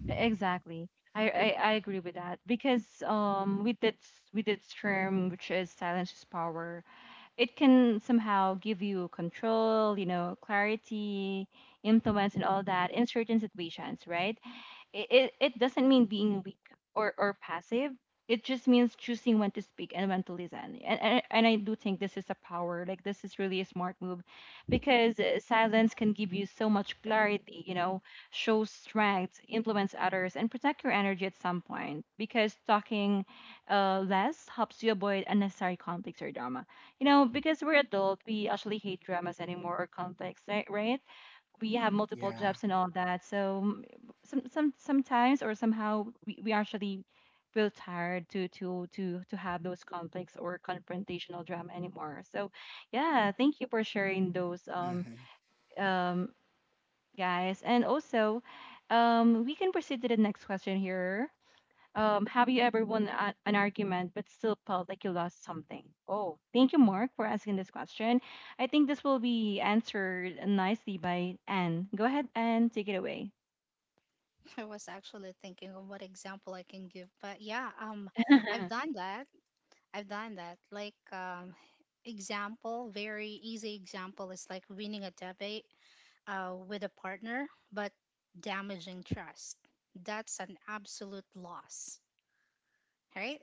[SPEAKER 1] Exactly. I agree with that because um, with that with that term, which is silence is power, it can somehow give you control, you know, clarity, influence, and all that in certain situations, right? It doesn't mean being weak or passive. It just means choosing when to speak and when to listen. And I do think this is a power. Like, this is really a smart move because silence can give you so much clarity, you know, show strength, influence others, and protect your energy at some point, because talking less helps you avoid unnecessary conflicts or drama, you know, because we're adult, we actually hate dramas anymore or conflicts, right? Right? We have multiple
[SPEAKER 3] Yeah.
[SPEAKER 1] jobs and all that. So sometimes or somehow we actually feel tired to have those conflicts or confrontational drama anymore. So yeah, thank you for sharing those
[SPEAKER 3] Mm-hmm.
[SPEAKER 1] um guys. And also um, we can proceed to the next question here. Have you ever won an argument but still felt like you lost something? Oh, thank you, Mark, for asking this question. I think this will be answered nicely by Anne. Go ahead, Anne, take it away.
[SPEAKER 2] *laughs* I was actually thinking of what example I can give, but yeah, I've
[SPEAKER 1] *laughs*
[SPEAKER 2] done that. I've done that. Like, example, very easy example is like winning a debate, with a partner, but damaging trust. That's an absolute loss, right?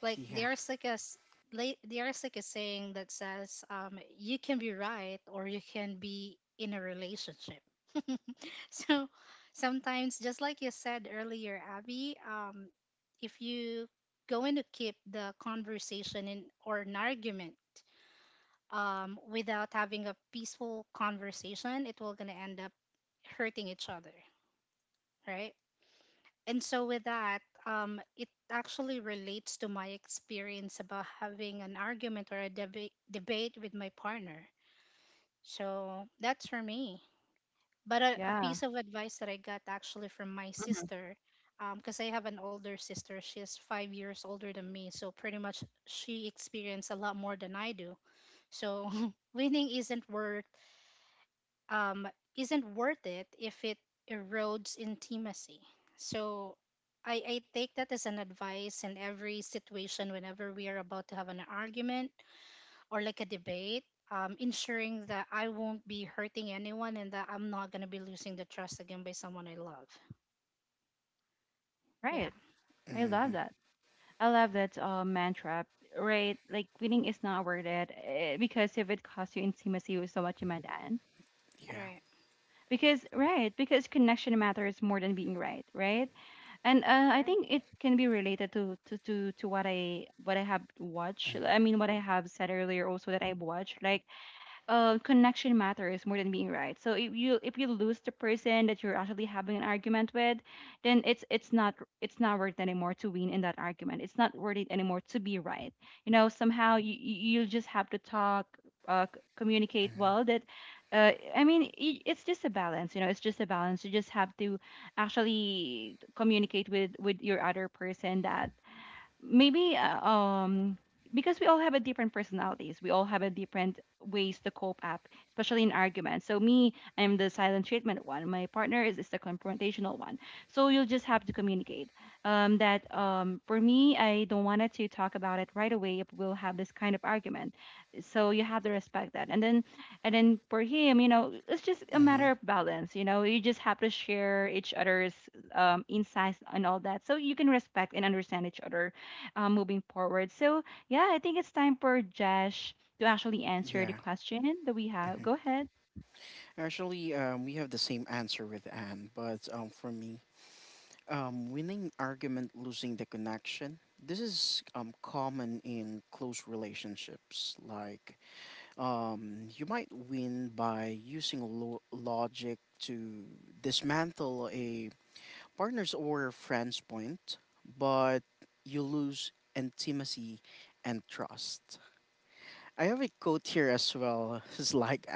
[SPEAKER 2] Like
[SPEAKER 3] Yeah.
[SPEAKER 2] there's like a s- like there's like a saying that says, you can be right or you can be in a relationship. *laughs* So sometimes, just like you said earlier, Abby, if you going to keep the conversation in or an argument, without having a peaceful conversation, it will gonna end up hurting each other, right? And so with that, it actually relates to my experience about having an argument or a debate with my partner. So that's for me. But a piece of advice that I got actually from my sister, because I have an older sister, she's 5 years older than me. So pretty much she experienced a lot more than I do. So *laughs* winning isn't worth, um, isn't worth it if it erodes intimacy. So I take that as an advice in every situation whenever we are about to have an argument or like a debate, ensuring that I won't be hurting anyone and that I'm not going to be losing the trust again by someone I love. Yeah,
[SPEAKER 1] Right. I
[SPEAKER 3] Mm-hmm.
[SPEAKER 1] love that. I love that mantra, right? Like, winning is not worth it, eh, because if it costs you intimacy with so much, you might end.
[SPEAKER 3] Yeah.
[SPEAKER 2] right.
[SPEAKER 1] Because, right, because connection matters more than being right, right? And I
[SPEAKER 2] Correct.
[SPEAKER 1] think it can be related to, to what I, what I have watched. I mean, what I have said earlier also, that I've watched. Like, connection matters more than being right. So if you, if you lose the person that you're actually having an argument with, then it's not, it's not worth it anymore to win in that argument. It's not worth it anymore to be right. You know, somehow you you just have to talk, communicate well. That, I mean, I it's just a balance. You know, it's just a balance. You just have to actually communicate with your other person. That maybe um, because we all have a different personalities, we all have a different ways to cope up, especially in arguments. So me, I'm the silent treatment one, my partner is the confrontational one. So you'll just have to communicate that for me, I don't want to talk about it right away if we'll have this kind of argument. So you have to respect that. And then and then for him, you know, it's just a
[SPEAKER 3] Mm-hmm. Mm-hmm.
[SPEAKER 1] matter of balance, you know, you just have to share each other's insights and all that, so you can respect and understand each other moving forward. So, yeah, I think it's time for Josh to actually answer the
[SPEAKER 3] Yeah.
[SPEAKER 1] question that we have. Go ahead.
[SPEAKER 3] Actually, we have the same answer with Anne, but for me, winning argument, losing the connection. This is common in close relationships. Like you might win by using logic to dismantle a partner's or friend's point, but you lose intimacy and trust. I have a quote here as well. *laughs* It's like,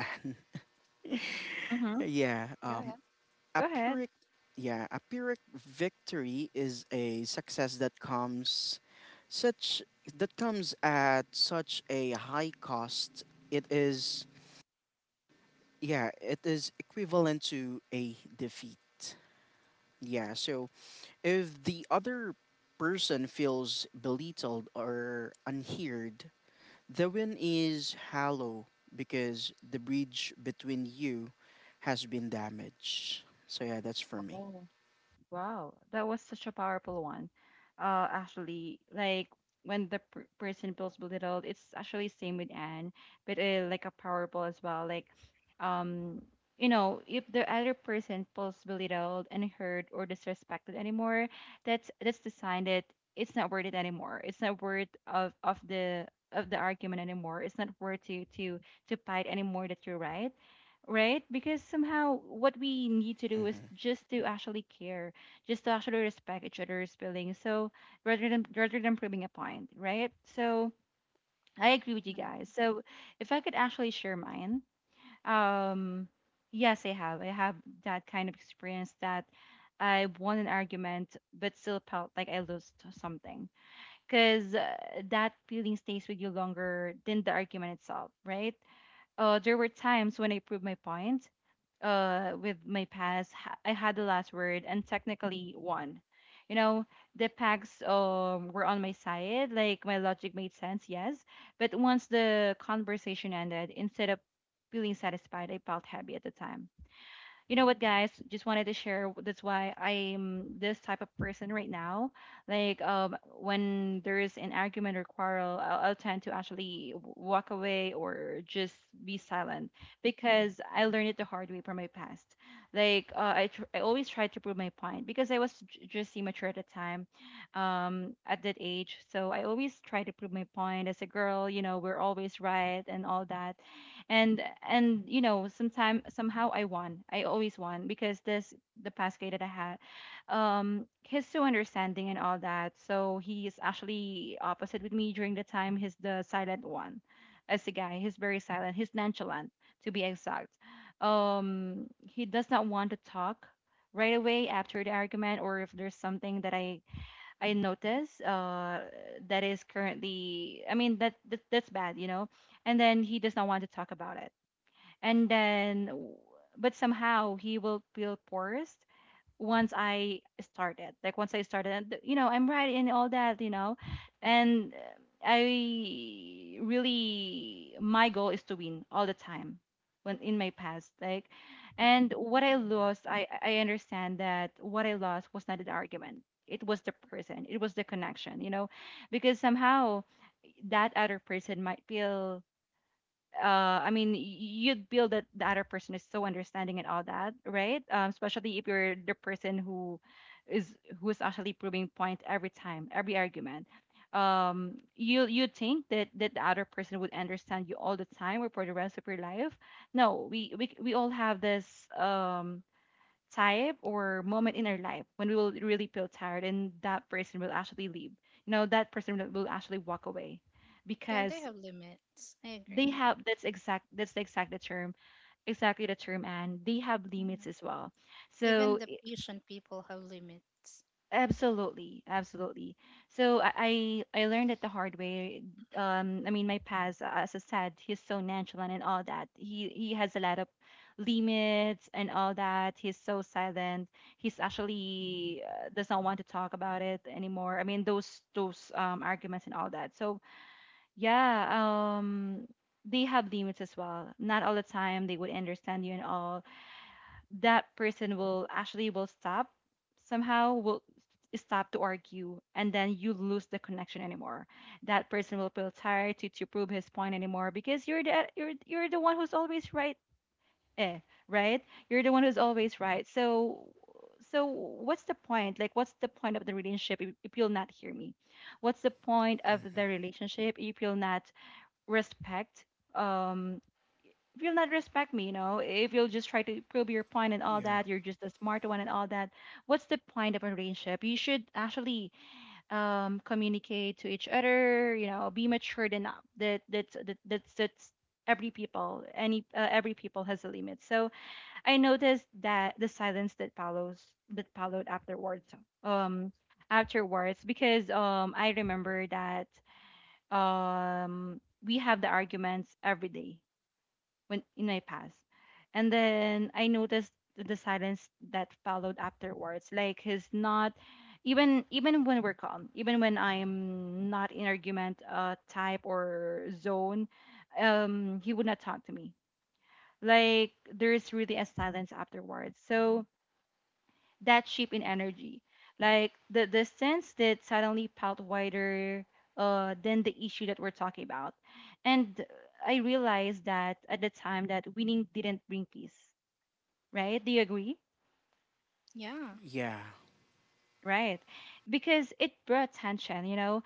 [SPEAKER 3] *laughs*
[SPEAKER 1] Mm-hmm.
[SPEAKER 3] yeah,
[SPEAKER 2] Go ahead.
[SPEAKER 3] a
[SPEAKER 1] Go ahead.
[SPEAKER 3] pyrrhic yeah, a pyrrhic victory is a success that comes such that comes at such a high cost. It is Yeah, it is equivalent to a defeat. Yeah, so if the other person feels belittled or unheard, the win is hollow, because the bridge between you has been damaged. So yeah, that's for me.
[SPEAKER 1] Oh. Wow, that was such a powerful one. Actually, like when the person feels belittled, it's actually same with Anne, but like a powerful as well. Like, um, you know, if the other person feels belittled and hurt or disrespected anymore, that's the sign that it's not worth it anymore. It's not worth of of the argument anymore. It's not worth to fight anymore. That you're right, right? Because somehow what we need to do is
[SPEAKER 3] hmm
[SPEAKER 1] just to actually care, just to actually respect each other's feelings. So rather than proving a point, right? So I agree with you
[SPEAKER 2] Yeah.
[SPEAKER 1] guys. So if I could actually share mine, um, yes, I have. I have that kind of experience that I won an argument, but still felt like I lost something, because that feeling stays with you longer than the argument itself, right? There were times when I proved my point with my pass. I had the last word and technically won. You know, the packs were on my side. Like my logic made sense, yes. But once the conversation ended, instead of feeling satisfied, I felt heavy at the time. You know what, guys, just wanted to share, that's why I'm this type of person right now. Like um, when there's an argument or quarrel, I'll tend to actually walk away or just be silent, because I learned it the hard way from my past. Like I always tried to prove my point because I was just immature at the time, um, at that age. So I always try to prove my point as a girl, you know, we're always right and all that. and and you know, sometime, somehow I won, I always won, because this, the past guy that I had um, he's so understanding and all that, so he is actually opposite with me. During the time, he's the silent one. As a guy, he's very silent, he's nonchalant, to be exact. Um, he does not want to talk right away after the argument, or if there's something that I notice uh, that is currently, I mean, that's bad, you know. And then he does not want to talk about it. And then but somehow he will feel forced once I started, like once I started and you know, I'm right in all that, you know. And I really, my goal is to win all the time when in my past, like. And what I lost, I understand that what I lost was not an argument. It was the person, it was the connection, you know. Because somehow that other person might feel uh, I mean, you'd feel that the other person is so understanding and all that, right? Um, especially if you're the person who is, who is actually proving point every time, every argument. Um, you think that that the other person would understand you all the time, or for the rest of your life. No, we all have this um, type or moment in our life when we will really feel tired and that person will actually leave. You know, that person will actually walk away
[SPEAKER 2] Yeah, they
[SPEAKER 1] because
[SPEAKER 2] have limits. I
[SPEAKER 1] they
[SPEAKER 2] agree.
[SPEAKER 1] have, that's the exact the term, exactly the term. And they have limits
[SPEAKER 2] Mhm.
[SPEAKER 1] as well.
[SPEAKER 2] Even
[SPEAKER 1] so
[SPEAKER 2] the
[SPEAKER 1] i-
[SPEAKER 2] patient people have limits.
[SPEAKER 1] Absolutely, absolutely. So I learned it the hard way. Um, I mean my past as I said, he's so nonchalant and all that, he has a lot of limits and all that, he's so silent. He's actually does not want to talk about it anymore, I mean those um, arguments and all that. So yeah, um, they have limits as well, not all the time they would understand you. And all that, person will actually will stop, somehow will stop to argue, and then you lose the connection anymore. That person will feel tired to prove his point anymore, because you're the, you're the one who's always right, eh, right? You're the one who's always right. So so what's the point, like what's the point of the relationship if you'll not hear me? What's the point of the relationship if you'll not respect, um, if you'll not respect me, you know, if you'll just try to prove your point and all
[SPEAKER 3] Yeah.
[SPEAKER 1] that, you're just a smart one and all that. What's the point of a relationship? You should actually um, communicate to each other, you know, be matured enough. That that's every people, any every people has a limit. So I noticed that the silence that follows that followed afterwards um, afterwards, because um, I remember that um, we have the arguments every day when in my past. And then I noticed the silence that followed afterwards, like he's not, even even when we're calm, even when I'm not in argument uh, type or zone, um, he would not talk to me. Like there is really a silence afterwards. So that shift in energy. Like the sense that suddenly felt wider than the issue that we're talking about. And I realized that at the time that winning didn't bring peace, right? Do you agree?
[SPEAKER 2] Yeah.
[SPEAKER 3] Yeah.
[SPEAKER 1] Right. Because it brought tension, you know,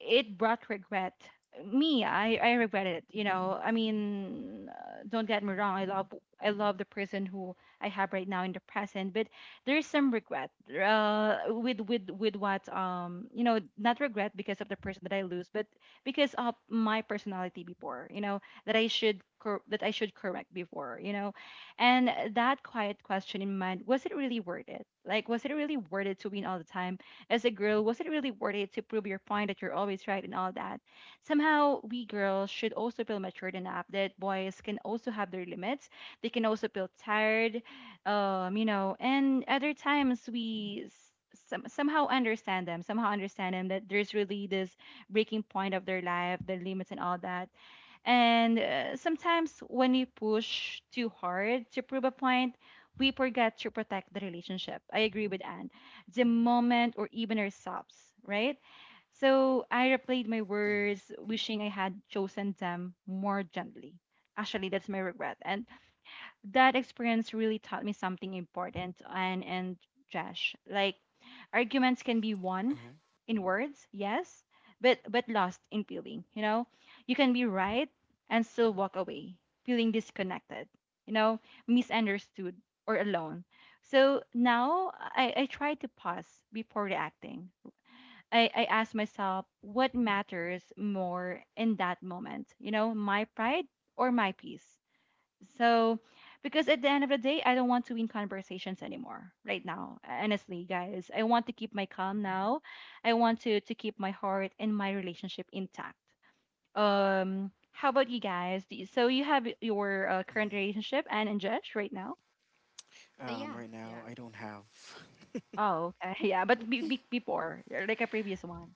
[SPEAKER 1] it brought regret. Me, I regret it. You know, I mean, don't get me wrong. I love the person who I have right now in the present, but there is some regret with what you know, not regret because of the person that I lose, but because of my personality before. You know, that I should correct before. You know, and that quiet question in mind: was it really worth it? Like, was it really worth it to win all the time? As a girl, was it really worth it to prove your point that you're always right and all that? Somehow, we girls should also feel matured enough that boys can also have their limits. They can also feel tired, you know, and other times somehow understand them that there's really this breaking point of their life, their limits, and all that. And sometimes when we push too hard to prove a point, we forget to protect the relationship. I agree with Anne. The moment, or even ourselves, right? So I replayed my
[SPEAKER 3] Mm-hmm.
[SPEAKER 1] words, wishing I had chosen them more gently. Actually, that's my regret. And that experience really taught me something important, and Josh, like arguments can be won
[SPEAKER 3] hmm
[SPEAKER 1] in words, yes, but lost in feeling, you know? You can be right and still walk away feeling disconnected, you know, misunderstood, or alone. So now, I try to pause before reacting. I ask myself what matters more in that moment, you know, my pride or my peace. So, because at the end of the day, I don't want to win conversations anymore right now. Honestly, guys, I want to keep my calm now. I want to keep my heart and my relationship intact. How about you guys? So you have your current relationship and in Jesh right now?
[SPEAKER 2] Yeah.
[SPEAKER 3] Right
[SPEAKER 2] Yeah.
[SPEAKER 3] now, I don't have. *laughs*
[SPEAKER 1] Oh, okay. *laughs* Yeah, but before, like a previous one,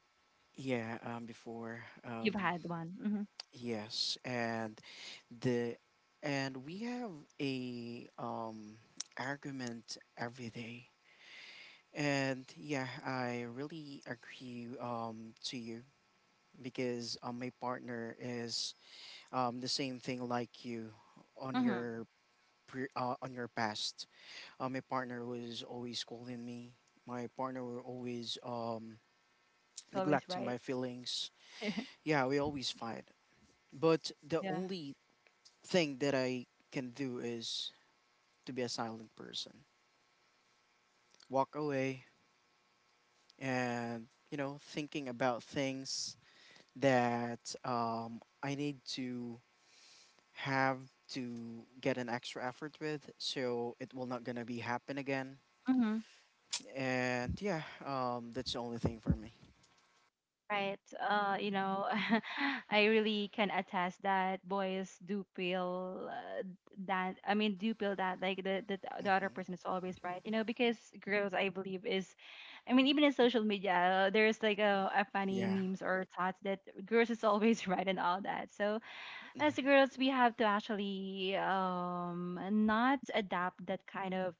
[SPEAKER 3] Yeah. Before.
[SPEAKER 1] you've had one. Mm-hmm.
[SPEAKER 3] Yes. And the, and we have a argument every day. And yeah, I really agree to you, because my partner is the same thing like you on
[SPEAKER 1] Mm-hmm.
[SPEAKER 3] your on your past. My partner was always scolding me. My partner were always
[SPEAKER 1] It's always
[SPEAKER 3] neglecting
[SPEAKER 1] right.
[SPEAKER 3] my feelings.
[SPEAKER 1] *laughs*
[SPEAKER 3] Yeah, we always fight. But the
[SPEAKER 1] Yeah.
[SPEAKER 3] only thing that I can do is to be a silent person. Walk away and, you know, thinking about things that I need to have, to get an extra effort with, so it will not gonna be happen again.
[SPEAKER 1] Mm-hmm.
[SPEAKER 3] And yeah, that's the only thing for me.
[SPEAKER 1] Right. You know, *laughs* I really can attest that boys do feel that. I mean, do feel that like the other
[SPEAKER 3] hmm
[SPEAKER 1] person is always right. You know, because girls, I believe, is, I mean, even in social media, there's like a funny
[SPEAKER 3] yeah.
[SPEAKER 1] memes or thoughts that girls is always *laughs* right and all that. So as
[SPEAKER 3] Mhm.
[SPEAKER 1] girls, we have to actually not adopt that kind of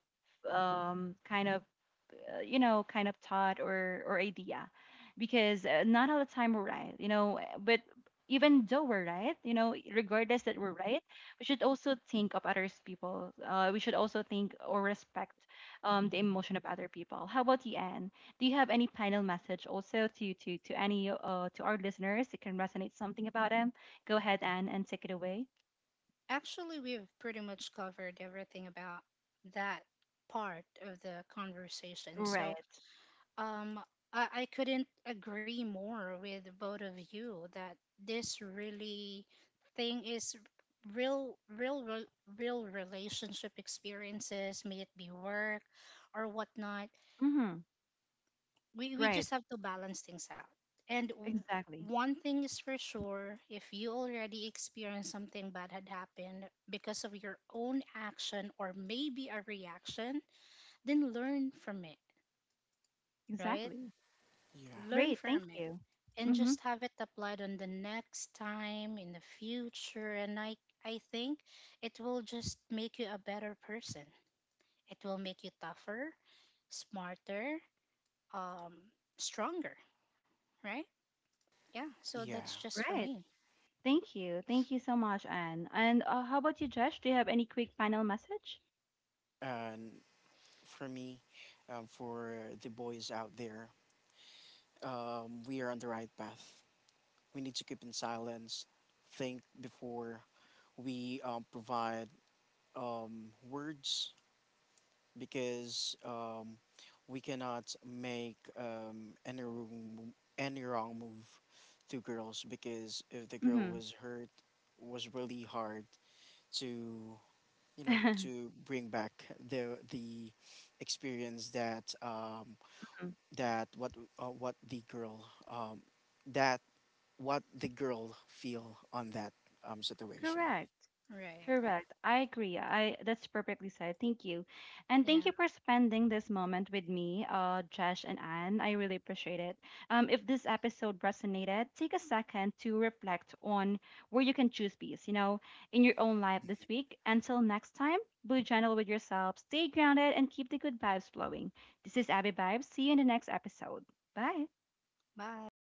[SPEAKER 1] um kind of you know, kind of thought or idea, because not all the time we're right, you know, but even though we're right, you know, regardless that we're right, we should also think of others people. We should also think or respect the emotion of other people. How about you, Anne? Do you have any final message also to our listeners that can resonate something about them? Go ahead, Anne, and take it away.
[SPEAKER 2] Actually, we've pretty much covered everything about that part of the conversation. So,
[SPEAKER 1] Right.
[SPEAKER 2] um, I couldn't agree more with both of you that this really thing is real, real, re- real relationship experiences, may it be work or whatnot.
[SPEAKER 1] Mm-hmm.
[SPEAKER 2] We
[SPEAKER 1] Right.
[SPEAKER 2] just have to balance things out. And w-
[SPEAKER 1] Exactly.
[SPEAKER 2] One thing is for sure: if you already experienced something bad had happened because of your own action or maybe a reaction, then learn from it, right?
[SPEAKER 3] Yeah,
[SPEAKER 2] Learn
[SPEAKER 1] Great,
[SPEAKER 2] from
[SPEAKER 1] thank
[SPEAKER 2] it
[SPEAKER 1] you.
[SPEAKER 2] and just
[SPEAKER 1] Mm-hmm.
[SPEAKER 2] have it applied on the next time in the future. And I think it will just make you a better person. It will make you tougher, smarter, um, stronger, right? Yeah, so
[SPEAKER 3] yeah.
[SPEAKER 2] that's just for
[SPEAKER 1] Right.
[SPEAKER 2] me.
[SPEAKER 1] Thank you. Thank you so much, Anne. And how about you, Josh? Do you have any quick final message?
[SPEAKER 3] And for me, for the boys out there, we are on the right path. We need to keep in silence, think before we provide words, because we cannot make wrong, any wrong move to girls, because if the girl
[SPEAKER 1] Mm-hmm.
[SPEAKER 3] was hurt, was really hard to, you know,
[SPEAKER 1] *laughs*
[SPEAKER 3] to bring back the experience that that what what the girl that what the girl feel on that situation.
[SPEAKER 1] Correct.
[SPEAKER 2] Right.
[SPEAKER 1] Correct. I agree. I that's perfectly said. Thank you. And thank
[SPEAKER 2] Yeah.
[SPEAKER 1] you for spending this moment with me, Josh and Anne. I really appreciate it. If this episode resonated, take a second to reflect on where you can choose peace, you know, in your own life this week. Until next time, be gentle with yourself, stay grounded, and keep the good vibes flowing. This is Abby Vibes. See you in the next episode. Bye.
[SPEAKER 2] Bye.